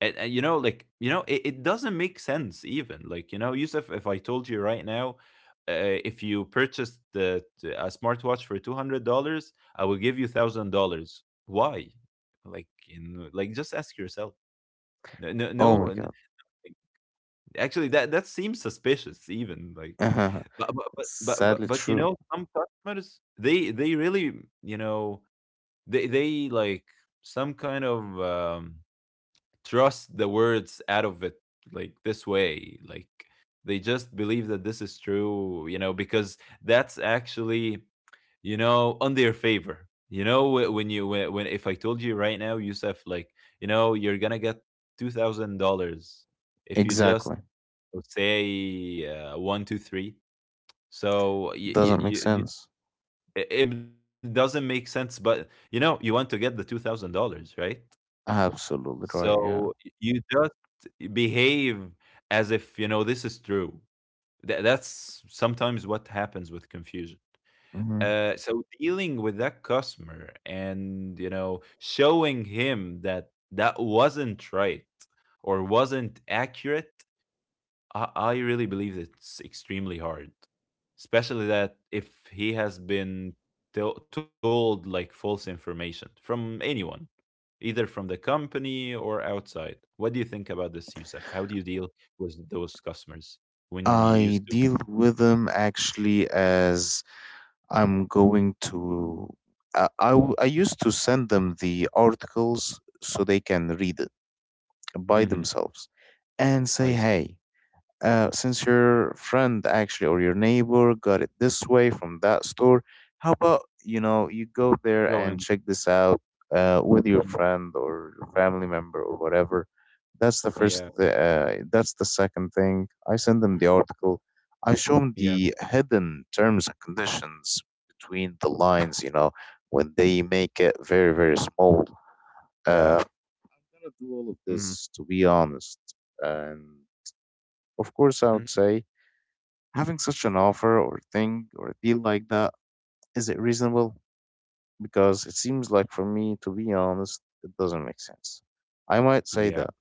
S1: And, and you know, like, you know, it, it doesn't make sense even. Like, you know, Yusuf, if I told you right now, uh, if you purchased the, the a smartwatch for two hundred dollars, I will give you thousand dollars. Why? Like, you know, like just ask yourself. No, no,
S2: Oh
S1: no,
S2: my
S1: n-...
S2: god.
S1: Actually, that, that seems suspicious even, like...
S2: Uh-huh.
S1: But but but but but,
S2: Sadly
S1: but you
S2: true.
S1: know, some customers they they really, you know, they they like some kind of um trust the words out of it like this way, like they just believe that this is true, you know, because that's actually, you know, on their favor. You know, wh- when you, when, when if I told you right now, Yusuf, like, you know, you're going to get two thousand dollars if you just...
S2: Exactly.
S1: I say uh, one, two, three. So you, you,
S2: Doesn't make
S1: you,
S2: sense.
S1: it it doesn't make sense, but you know, you want to get the two thousand dollars, right?
S2: Absolutely right,
S1: So y-
S2: yeah.
S1: you just behave as if you know this is true. Tha- that's sometimes what happens with confusion.
S2: Hmm.
S1: Uh, so dealing with that customer and, you know, showing him that that wasn't right or wasn't accurate, I, I really believe it's extremely hard, especially that if he has been to- told like false information from anyone, either from the company or outside. What do you think about this, Yusuf? How do you deal with those customers when you
S2: I
S1: used to?
S2: deal with them actually as I'm going to. I, I, w- I used to send them the articles so they can read it by
S1: Mhm,
S2: themselves and say,
S1: I see.
S2: hey, uh, since your friend actually or your neighbor got it this way from that store, how about, you know, you go there
S1: Go
S2: and
S1: in.
S2: check this out uh, with your
S1: Mm,
S2: friend or your family member or whatever. That's the first.
S1: yeah.
S2: Uh, that's the second thing. I send them the article. I show them
S1: Yeah.
S2: the hidden terms and conditions between the lines. You know, when they make it very very small. Uh,
S1: Yeah.
S2: I'm gonna do all of
S1: Mhm,
S2: this, to be honest, and of course I
S1: mhm,
S2: would say, having such an offer or thing or a deal like that, is it reasonable? Because it seems like, for me, to be honest, it doesn't make sense. I might say
S1: yeah.
S2: that.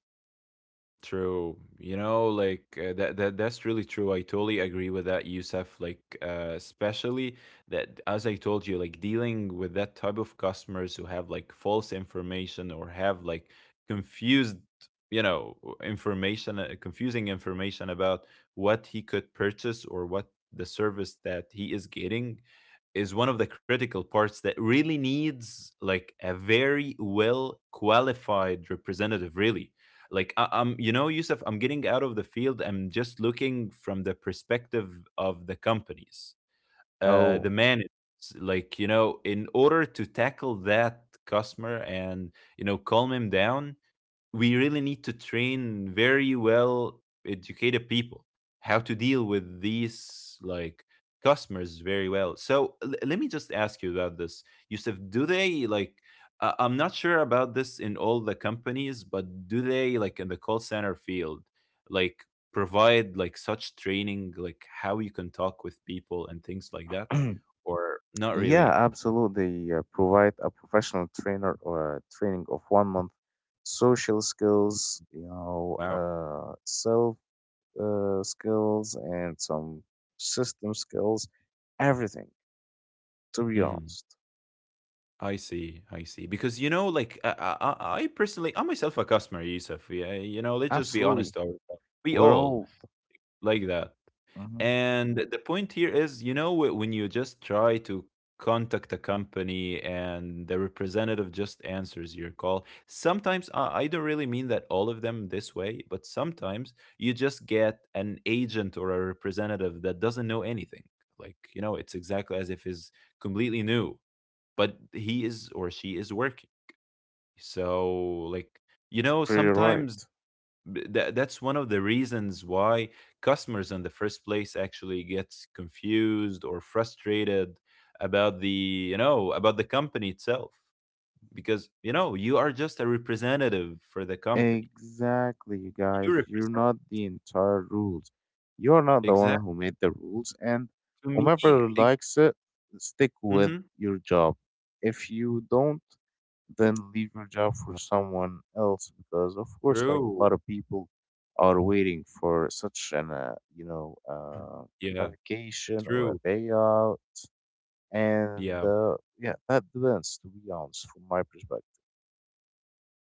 S1: True. You know, like, uh, that, that that's really true. I totally agree with that, Youssef. Like, uh, especially that, as I told you, like dealing with that type of customers who have like false information or have like confused, you know, information, uh, confusing information about what he could purchase or what the service that he is getting, is one of the critical parts that really needs like a very well qualified representative, really. Like, I, i'm, you know, Yusuf, I'm getting out of the field, I'm just looking from the perspective of the companies, uh
S2: Oh.
S1: the managers, like, you know, in order to tackle that customer and, you know, calm him down, we really need to train very well educated people how to deal with these, like, customers very well. So l- let me just ask you about this, Yusuf, do they like, uh, I'm not sure about this in all the companies, but do they like in the call center field, like, provide like such training, like how you can talk with people and things like that, or not
S2: Yeah,
S1: really?
S2: absolutely, uh, provide a professional trainer or a training of one month, social skills, you know,
S1: Wow.
S2: uh, self uh, skills, and some system skills, everything, to be
S1: Mm-hmm.
S2: honest.
S1: I see, I see. Because, you know, like I, I, I I personally, I'm myself a customer, Yusuf. Yeah, you know, let's just be honest
S2: Absolutely.
S1: to ourselves. We
S2: We're
S1: all
S2: all.
S1: like that.
S2: Mhm.
S1: And the point here is, you know, wh- when you just try to contact a company and the representative just answers your call, sometimes I, I don't really mean that all of them this way, but sometimes you just get an agent or a representative that doesn't know anything. Like, you know, it's exactly as if it's completely new, but he is or she is working. So, like, you know,
S2: Pretty right.
S1: sometimes b- that, that's one of the reasons why customers in the first place actually gets confused or frustrated about the, you know, about the company itself, because, you know, you are just a representative for the company.
S2: Exactly, you
S1: You
S2: guys. You're
S1: represent...
S2: not the entire rules. You're not the
S1: exactly,
S2: one who made the rules, and
S1: to me.
S2: whomever
S1: Ex-...
S2: likes it, stick with
S1: mhm.
S2: your job. If you don't, then leave your job for someone else, because, of course, like, a
S1: True.
S2: lot of people are waiting for such an, uh, you know, uh,
S1: Yeah,
S2: a vacation or
S1: true.
S2: a day out, and
S1: Yeah,
S2: uh, yeah, that depends. To be honest, from my perspective.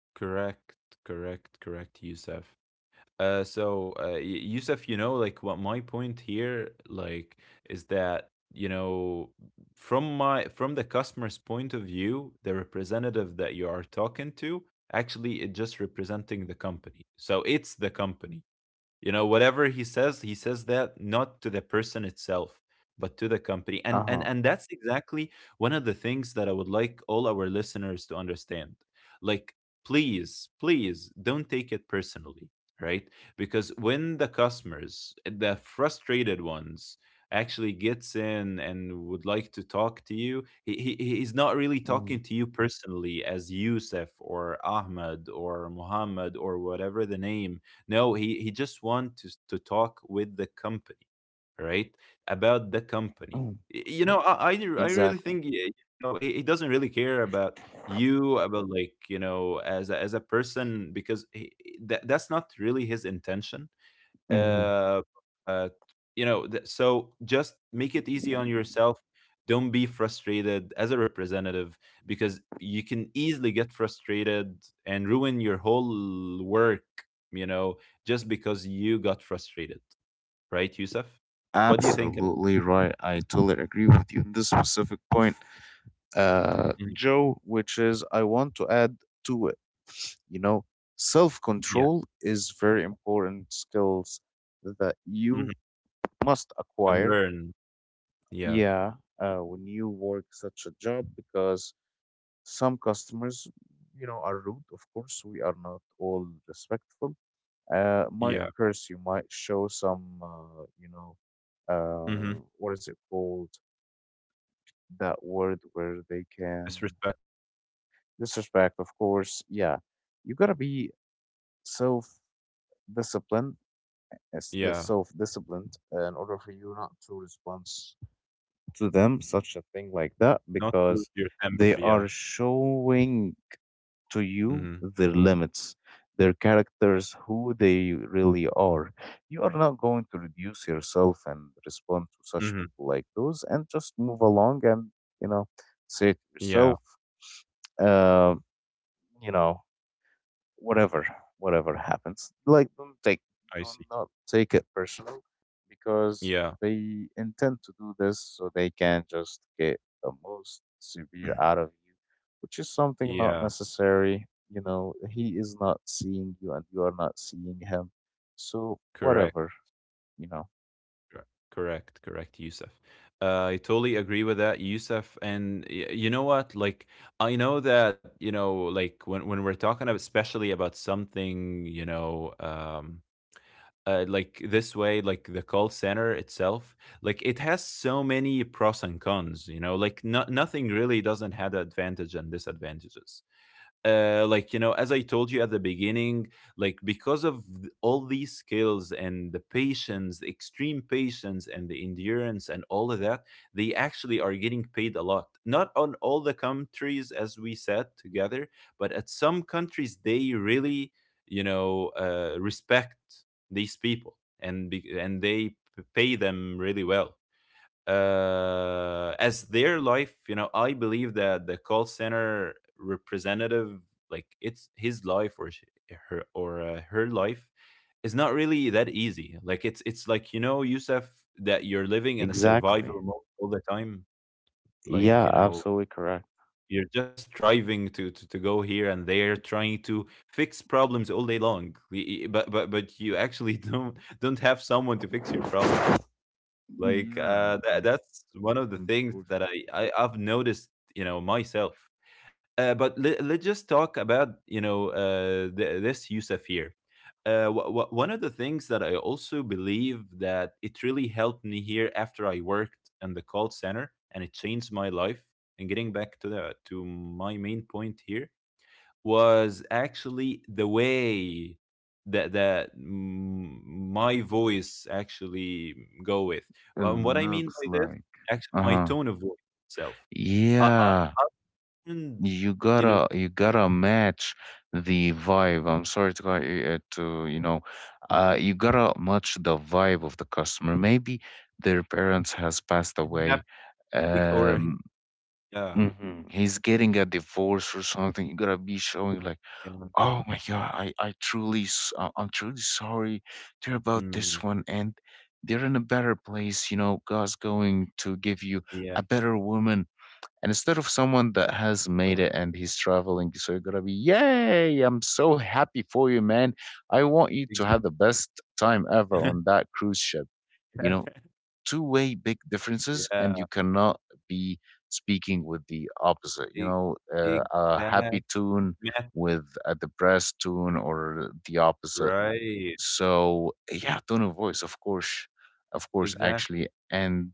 S1: correct, correct, correct, Yusuf. Uh, so, uh, Y- Yusuf, you know, like what my point here, like, is that, you know, from my, from the customer's point of view, the representative that you are talking to, actually, it just representing the company. So it's the company. You know whatever he says, he says that not to the person itself but to the company, and
S2: Uh
S1: and
S2: huh.
S1: and that's exactly one of the things that I would like all our listeners to understand. Like, please please don't take it personally, right? Because when the customers, the frustrated ones, actually gets in and would like to talk to you, he, he he's not really talking to you personally as Yusuf or Ahmed or Muhammad or whatever the name. No, he he just wants to, to talk with the company, right? About the company.
S2: Hmm.
S1: Y- You know, I I, I really
S2: Exactly.
S1: think y- you know he, he doesn't really care about you, about, like, you know, as a, as a person, because he, that that's not really his intention.
S2: Mhm.
S1: uh, uh, you know, th- so just make it easy on yourself. Don't be frustrated as a representative, because you can easily get frustrated and ruin your whole work, you know, just because you got frustrated, right, Yusuf? What do you think about?
S2: Absolutely right. I totally agree with you on this specific point, uh,
S1: Mhm.
S2: Joe, which is, I want to add to it. You know,
S1: Yeah.
S2: self-control is very important skills that
S1: Hmm.
S2: you must
S1: Can
S2: acquire.
S1: learn. Yeah.
S2: Yeah, uh, when you work such a job, because some customers, you know, are rude. Of course, we are not all respectful. Uh, might
S1: Yeah.
S2: curse you, might show some, uh, you know,
S1: Hmm.
S2: uh, what is it called, that word where they can
S1: Disrespect.
S2: disrespect, of course. Yeah, you gotta be self disciplined. As this
S1: Yeah.
S2: self disciplined uh, in order for you not to respond to them such a thing like that,
S1: Not to lose
S2: because
S1: your temper.
S2: they
S1: Yeah.
S2: are showing to you
S1: Hmm.
S2: their limits, their characters, who they really are. You are not going to reduce yourself and respond to such
S1: Hmm.
S2: people like those, and just move along and, you know, say to
S1: Yeah.
S2: yourself, uh, you know whatever, whatever happens, like, don't take,
S1: I
S2: do not
S1: see.
S2: not take it personal, because
S1: Yeah.
S2: they intend to do this so they can just get the most severe out of you, which is something not
S1: Yeah.
S2: necessary. You know, he is not seeing you and you are not seeing him. So
S1: Correct.
S2: whatever, you know.
S1: Cor- Correct, correct, Yusuf. Uh, I totally agree with that, Yusuf. And y- you know what? Like, I know that, you know, like when when we're talking about, especially about something, you know, um, uh, like this way, like the call center itself, like it has so many pros and cons. You know, like no, nothing really doesn't have advantage and disadvantages. Uh, like, you know, as I told you at the beginning, like because of th- all these skills and the patience, the extreme patience, and the endurance and all of that, they actually are getting paid a lot. Not on all the countries, as we said together, but at some countries they really, you know, uh, respect these people and be- and they p- pay them really well uh, as their life. You know, I believe that the call center representative, like it's his life, or sh- her, or uh, her life, is not really that easy. Like it's it's like, you know, Yusuf, that you're living in a
S2: Exactly.
S1: survival mode all the time. Like,
S2: Yeah,
S1: you know,
S2: absolutely correct.
S1: you're just striving to, to to go here and there, trying to fix problems all day long. Y- y- But but but you actually don't don't have someone to fix your problems. Like,
S2: Yeah,
S1: uh, tha
S2: and
S1: that's one of the things that I
S2: unfortunately
S1: I I've noticed, you know, myself. Uh, but let, let's just talk about, you know, uh, th this Yusuf here. Uh, wha wha one of the things that I also believe that it really helped me here after I worked in the call center, and it changed my life. And getting back to the, to my main point here, was actually the way that that mm, my voice actually go with.
S2: it
S1: Um, what I mean
S2: looks
S1: by this,
S2: like.
S1: actually, my
S2: Uh-huh.
S1: tone of voice itself. Uh, uh,
S2: Yeah.
S1: and
S2: You
S1: you know,
S2: gotta you gotta match the vibe. I'm sorry to cut you, uh, to you know, uh, you gotta match the vibe of the customer. Maybe their parents has passed
S1: happy,
S2: away.
S1: like, or he-
S2: Um,
S1: yeah,
S2: mhm. He's getting a divorce or something. You gotta be showing like,
S1: yeah,
S2: oh my god, I I truly s- I- I'm truly sorry to hear about
S1: mm,
S2: this one. And they're in a better place, you know. God's going to give you
S1: yeah,
S2: a better woman, and instead of someone that has made it
S1: right,
S2: and he's traveling, so you're gonna be, yay, I'm so happy for you, man. I want you to
S1: ex-
S2: have the best time ever on that cruise ship. You know, two way big differences, and
S1: yeah,
S2: you cannot be speaking with the opposite. You
S1: e-
S2: know, uh, a
S1: exact
S2: happy tune
S1: math,
S2: with a depressed tune or the opposite.
S1: right,
S2: So, yeah, tone of voice, of course, of course, actually.
S1: exactly.
S2: And,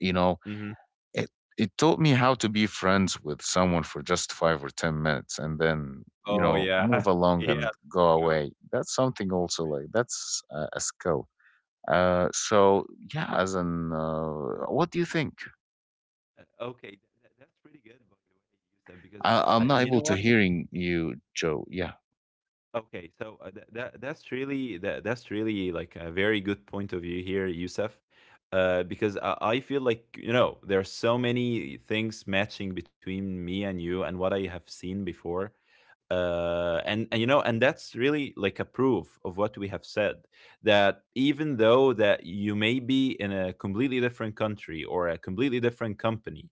S2: you know,
S1: Hmm.
S2: it it taught me how to be friends with someone for just five or ten minutes, and then, you
S1: Oh
S2: know,
S1: yeah,
S2: move along and
S1: yeah.
S2: go away. That's something also
S1: True.
S2: like, that's a, a skill. uh so yeah. as an uh What do you think?
S1: Uh, Okay, tha tha that's pretty good, by the way, Youssef, because
S2: I, I'm
S1: uh,
S2: not
S1: you
S2: able
S1: know
S2: to
S1: what?
S2: hearing you, Joe. Yeah,
S1: Okay, so uh, that that that's really that that's really like a very good point of view here, Youssef, uh, because I, I feel like, you know, there are so many things matching between me and you and what I have seen before, uh, and and you know, and that's really like a proof of what we have said, that even though that you may be in a completely different country or a completely different company,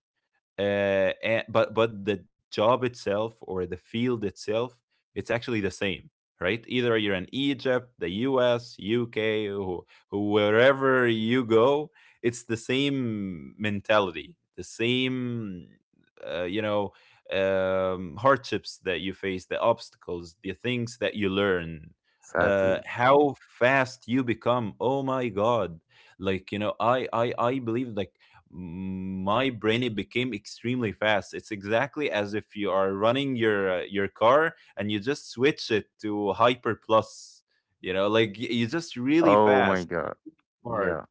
S1: uh, and, but but the job itself or the field itself, it's actually the same, right? Either you're in Egypt, the US, UK, or wherever you go, it's the same mentality, the same uh, you know, um, hardships that you face, the obstacles, the things that you learn, uh,
S2: sadly.
S1: how fast you become. Oh my God, like, you know, I I I believe like my brain, it became extremely fast. It's exactly as if you are running your uh, your car and you just switch it to hyper plus. You know, like y- you just really
S2: Oh my
S1: fast,
S2: god.
S1: barb,
S2: Yeah.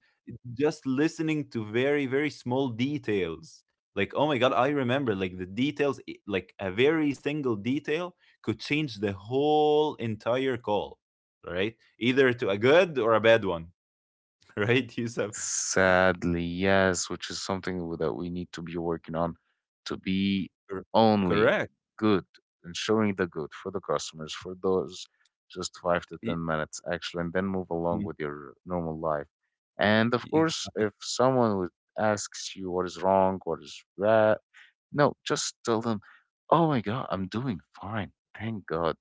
S1: just listening to very, very small details. Like, oh my God, I remember like the details, i- like a very single detail could change the whole entire call, right? Either to a good or a bad one. Right, Yusuf?
S2: Sadly, yes, which is something w- that we need to be working on, to be
S1: Cor-
S2: only
S1: correct.
S2: good and showing the good for the customers for those just five to
S1: Y-
S2: ten minutes actually, and then move along
S1: mm,
S2: with your normal life. And of
S1: ex-
S2: course, if someone would asks you what is wrong, what is right, no, just tell them, "Oh my God, I'm doing fine. Thank God.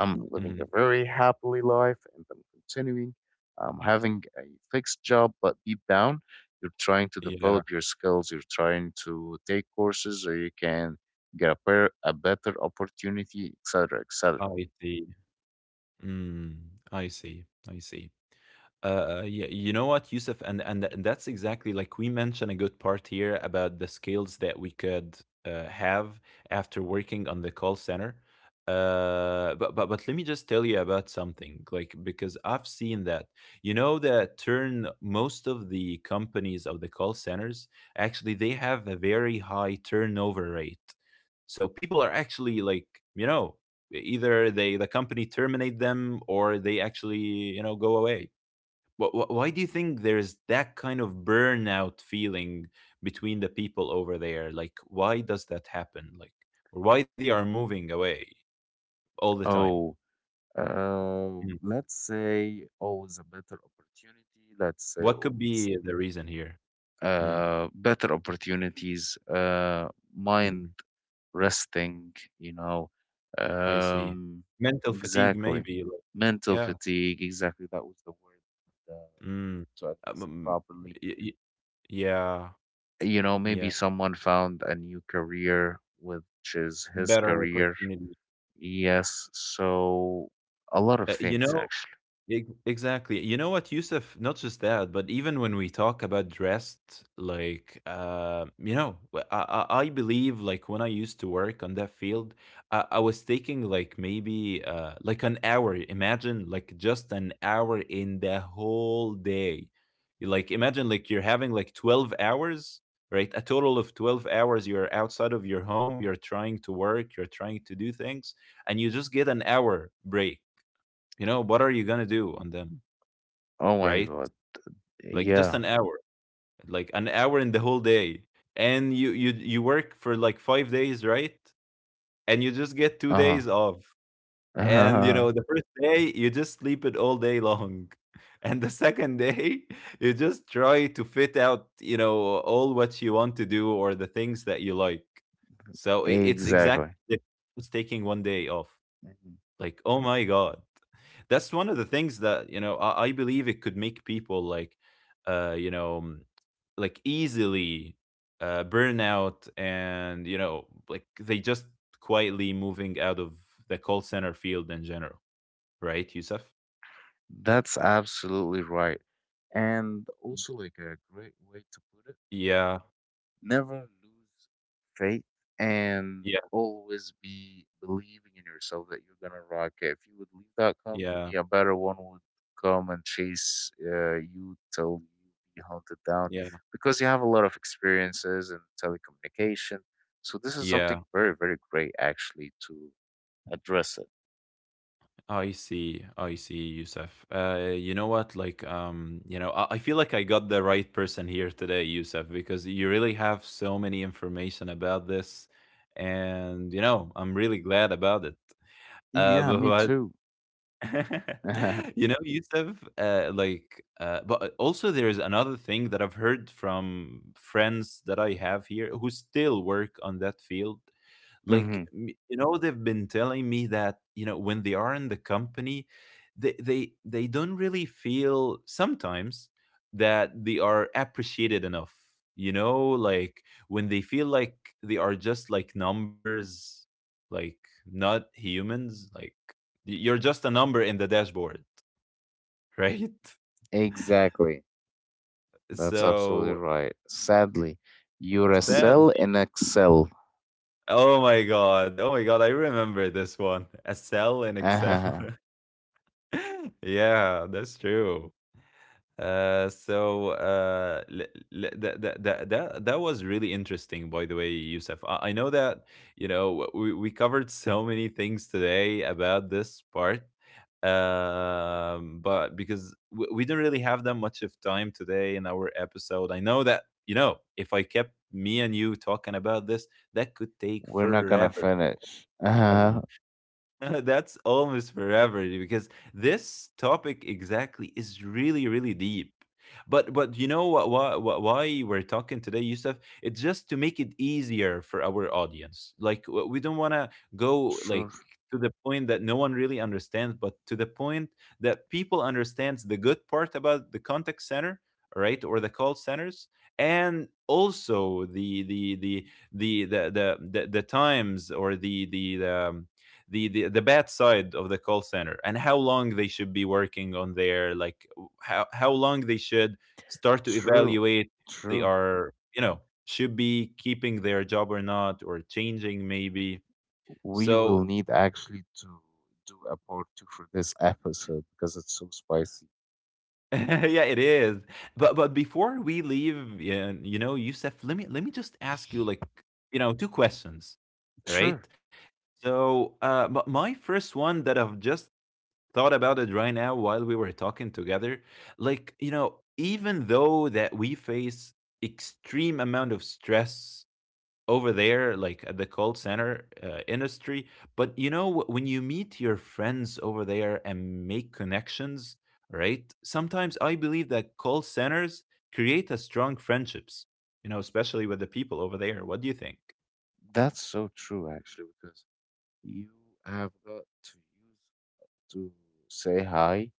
S2: I'm living
S1: mm-hmm.
S2: a very happily life and I'm continuing. I'm having a fixed job." But deep down, you're trying to
S1: Yeah,
S2: develop your skills. You're trying to take courses so you can get a, per- a better opportunity, et cetera, et cetera.
S1: I see. Mm, I see. I see. Uh, yeah, you know what, Yusuf, and and th- that's exactly like we mentioned a good part here about the skills that we could uh, have after working on the call center. Uh, but but but let me just tell you about something, like because I've seen that. You know that turn most of the companies of the call centers, actually they have a very high turnover rate. So people are actually like, you know, either they the company terminate them, or they actually, you know, go away. Wh wh Why do you think there's that kind of burnout feeling between the people over there? Like, why does that happen? Like, or why they are moving away all the time?
S2: Oh, uh,
S1: Mm.
S2: let's say always a better opportunity. Let's say
S1: What could
S2: always
S1: be the reason here? Mm,
S2: uh, better opportunities, uh, mind
S1: mm,
S2: resting, you know.
S1: I see.
S2: Um,
S1: Mental fatigue,
S2: exactly.
S1: maybe. Like,
S2: Mental
S1: yeah.
S2: fatigue, exactly. That was the word uh,
S1: Mm.
S2: to
S1: Um,
S2: address it
S1: um,
S2: properly.
S1: y y yeah.
S2: You know, maybe
S1: Yeah.
S2: someone found a new career, which is his
S1: Better
S2: career.
S1: opportunity.
S2: Yes. So, a lot of
S1: Uh, you
S2: things,
S1: know,
S2: actually.
S1: Ex- exactly. You know what, Yusuf? Not just that, but even when we talk about dressed, like, uh, you know, wh- I, I I believe, like when I used to work on that field, I, I was taking like maybe uh, like an hour. Imagine, like just an hour in the whole day. You, like, imagine like you're having like twelve hours, right? A total of twelve hours. You're outside of your home, you're trying to work, you're trying to do things, and you just get an hour break. You know, what are you gonna do on them,
S2: Oh my
S1: right?
S2: God.
S1: Like just
S2: Yeah.
S1: an hour, like an hour in the whole day, and you you you work for like five days, right? And you just get two days
S2: Uh
S1: off, and you know
S2: huh.
S1: the first day you just sleep it all day long. And the second day you just try to fit out, you know, all what you want to do or the things that you like. So i- it's
S2: Exactly.
S1: exactly the-, just taking one day off.
S2: Mhm.
S1: Like, oh my God. That's one of the things that, you know, I, I believe it could make people like, uh, you know, mm, like easily uh, burn out, and you know, like they just quietly moving out of the call center field in general. Right, Yusuf?
S2: That's absolutely right. And also, like, a great way to put it,
S1: Yeah.
S2: never lose faith and
S1: Yeah.
S2: always be believing in yourself that you're gonna rock it. If you would leave that
S1: Yeah.
S2: company, a better one would come and chase uh, you till you be hunted down,
S1: Yeah.
S2: because you have a lot of experiences in telecommunication. So this is
S1: Yeah.
S2: something very, very great actually to address it.
S1: I see. I see, Yusuf. Uh, you know what? Like, um, you know, I, I feel like I got the right person here today, Yusuf, because you really have so many information about this, and you know, I'm really glad about it. Uh,
S2: Yeah, me
S1: but
S2: too.
S1: you know, Yusuf, uh, like, uh, but also there is another thing that I've heard from friends that I have here who still work on that field, like,
S2: Hmm.
S1: m- you know, they've been telling me that, you know, when they are in the company, they they they don't really feel sometimes that they are appreciated enough. You know, like when they feel like they are just like numbers, like not humans, like y- you're just a number in the dashboard, right?
S2: Exactly. That's absolutely
S1: So
S2: right. Sadly, you're a
S1: sad.
S2: cell in Excel.
S1: Oh my God. Oh my God, I remember this one. A cell in Excel.
S2: Uh-huh.
S1: Yeah, that's true. Uh, so uh, l- l- that, that that that that was really interesting, by the way, Yusuf. I, I know that, you know, we, we covered so many things today about this part, um, but because we, we didn't really have that much of time today in our episode, I know that, you know, if I kept me and you talking about this, that could take
S2: We're not gonna
S1: forever.
S2: finish.
S1: Forever.
S2: Uh-huh.
S1: That's almost forever because this topic exactly is really, really deep. But but you know what why why we're talking today, Yusuf? It's just to make it easier for our audience. Like w- we don't want to go
S2: Sure.
S1: like to the point that no one really understands, but to the point that people understands the good part about the contact center, right, or the call centers, and also the the the the the the the, the times or the the the um, the, the the bad side of the call center and how long they should be working on their like how how long they should start to
S2: True.
S1: evaluate if they
S2: True.
S1: are, you know, should be keeping their job or not, or changing maybe
S2: We
S1: so
S2: will need actually to do a part two for this episode, because it's so spicy.
S1: yeah it is, but but before we leave, yeah, you know, Yusef, let me let me just ask you, like, you know, two questions, right?
S2: Sure.
S1: So uh but my first one that I've just thought about it right now while we were talking together. Like, you know, even though that we face extreme amount of stress over there, like at the call center uh, industry, but you know, wh- when you meet your friends over there and make connections, right? Sometimes I believe that call centers create a strong friendships, you know, especially with the people over there. What do you think?
S2: That's so true actually, because you have got to use to say hi.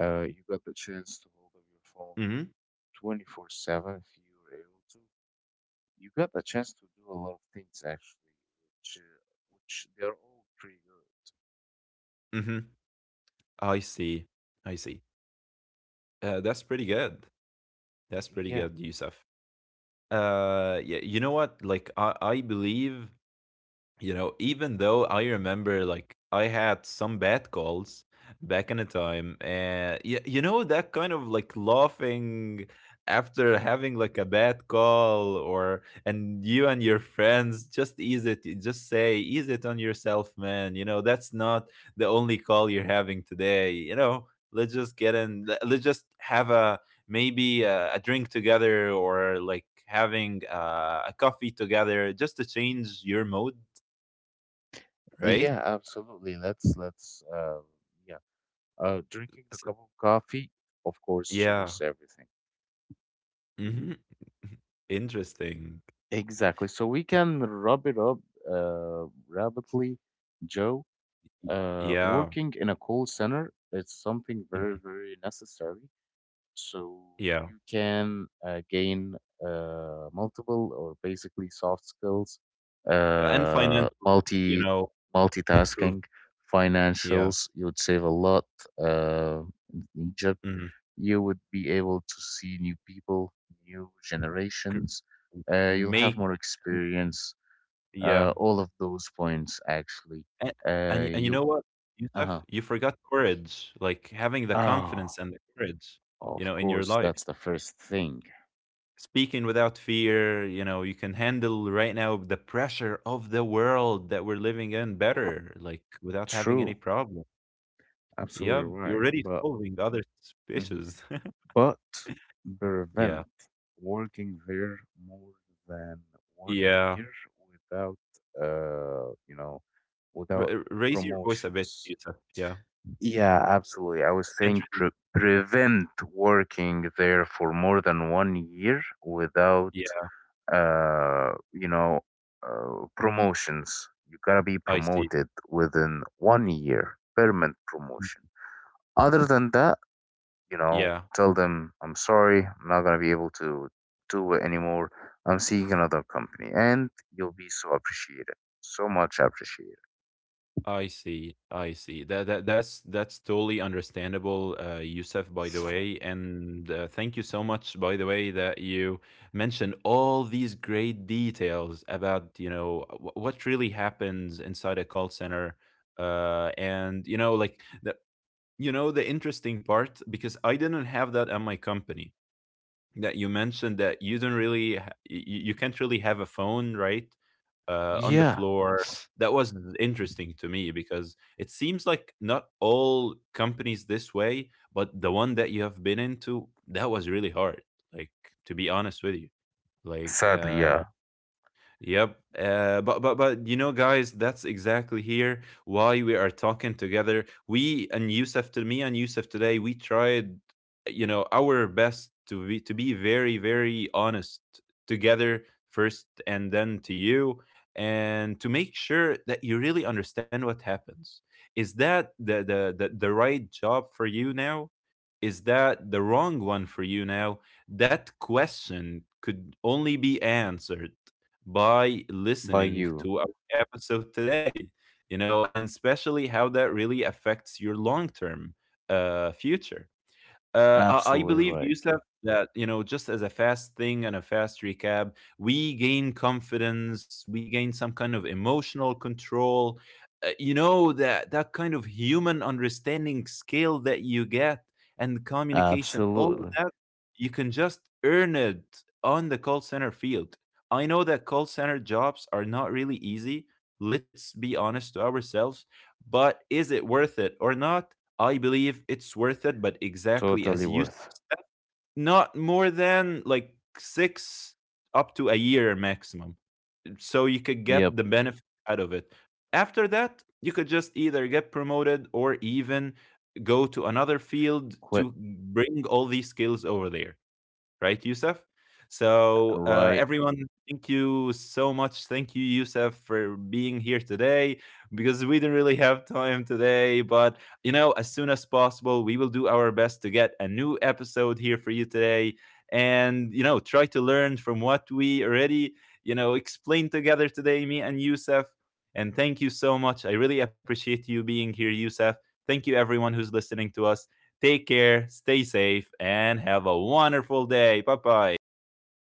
S2: Uh, you got the chance to hold up your phone
S1: Mm-hmm.
S2: twenty-four seven if you were able to. You got a chance to do a lot of things actually, which uh, which they're all pretty good.
S1: Mm-hmm. I see. I see. Uh, that's pretty good. That's pretty
S2: Yeah,
S1: good, Yusuf. Uh, yeah, you know what? Like I, I believe, you know, even though I remember like I had some bad calls back in the time, and y- you know that kind of like laughing after having like a bad call. Or and you and your friends just ease it, you just say ease it on yourself, man, you know that's not the only call you're having today, you know, let's just get in, le- let's just have a maybe a, a drink together, or like having uh, a coffee together just to change your mood. Right?
S2: yeah, absolutely. Let's let's uh, yeah, uh, Drinking the
S1: So
S2: cup of coffee, of course, changes
S1: yeah.
S2: everything.
S1: Mhm. Interesting.
S2: Exactly. So we can wrap it up uh, rapidly, Joe. Uh,
S1: Yeah.
S2: working in a call center is something
S1: Mhm.
S2: very, very necessary so
S1: Yeah.
S2: you can uh, gain uh, multiple or basically soft skills,
S1: And
S2: uh,
S1: financial, you
S2: multi
S1: know, improve,
S2: multitasking,
S1: yeah.
S2: financials. You would save a lot uh, in Egypt.
S1: Mhm.
S2: You would be able to see new people, new generations. Uh, you'll have
S1: Make,
S2: more
S1: mm,
S2: experience. Uh,
S1: yeah.
S2: all of those points actually.
S1: And
S2: Uh,
S1: and and you
S2: you.
S1: know what, Youssef?
S2: Uh
S1: You forgot courage, like, having the
S2: huh.
S1: confidence and the courage,
S2: Oh,
S1: you
S2: of
S1: know, in your
S2: course,
S1: life.
S2: that's the first thing.
S1: Speaking without fear, you know, you can handle right now the pressure of the world that we're living in better, like, without having any
S2: True.
S1: problem.
S2: Absolutely
S1: Yep, you're
S2: right.
S1: already
S2: But
S1: solving other
S2: mhm.
S1: species.
S2: but Prevent
S1: Yeah.
S2: working there more than one
S1: Yeah.
S2: year without, uh you know
S1: R
S2: without
S1: r Raise your voice a bit,
S2: promotions.
S1: Yousef. Yeah.
S2: Yeah, absolutely. I
S1: I
S2: was
S1: can't
S2: saying,
S1: really.
S2: pre prevent working there for more than one year without,
S1: Yeah,
S2: uh you know uh, promotions. You gotta be
S1: I see.
S2: promoted within one year, permanent
S1: Mm.
S2: promotion. Other than that, you know,
S1: Yeah,
S2: tell them, I'm sorry, I'm not going to be able to do it anymore. I'm seeing another company. And you'll be so appreciated, so much appreciated.
S1: I see. I see. That that that's that's totally understandable, uh, Yousef, by the way. And uh, thank you so much, by the way, that you mentioned all these great details about, you know, wh what really happens inside a call center. Uh, and you know, like the, you know, the interesting part, because I didn't have that at my company, that you mentioned that you don't really ha- y- y- you can't really have a phone, right, uh, on the
S2: Yeah.
S1: floor. That was interesting to me because it seems like not all companies this way, but the one that you have been into, that was really hard, like, to be honest with you,
S2: Sadly,
S1: like
S2: yeah.
S1: uh Yep. Uh, but but but you know, guys, that's exactly here why we are talking together. We and Yusuf, to me and Yusuf today, we tried, you know, our best to be to be very very honest together first, and then to you, and to make sure that you really understand what happens. Is that the the the, the right job for you now? Is that the wrong one for you now? That question could only be answered by
S2: By
S1: listening
S2: you.
S1: to our episode today, you know, and especially how that really affects your long term uh, future. Uh, I, I
S2: Absolutely
S1: believe,
S2: right.
S1: Yusuf, that, you know, just as a fast thing and a fast recap, we gain confidence, we gain some kind of emotional control. Uh, you know, that that kind of human understanding skill that you get and communication, all
S2: Absolutely.
S1: of that, you can just earn it on the call center field. I know that call center jobs are not really easy. Let's be honest to ourselves. But is it worth it or not? I believe it's worth it,
S2: Totally
S1: but
S2: worth.
S1: exactly as you s, not more than like six months up to a year maximum, mm, so
S2: Yep.
S1: you could get the benefit out of it. After that, you could just either get promoted or even go to another
S2: Quit.
S1: field to bring all these skills over there, right, Yusuf? So,
S2: Right.
S1: uh, everyone, thank you so much. Thank you, Yusuf, for being here today, because we didn't really have time today. But, you know, as soon as possible, we will do our best to get a new episode here for you today, and, you know, try to learn from what we already, you know, explained together today, me and Yusuf. And thank you so much. I really appreciate you being here, Yusuf. Thank you, everyone who's listening to us. Take care, stay safe, and have a wonderful day. Bye bye.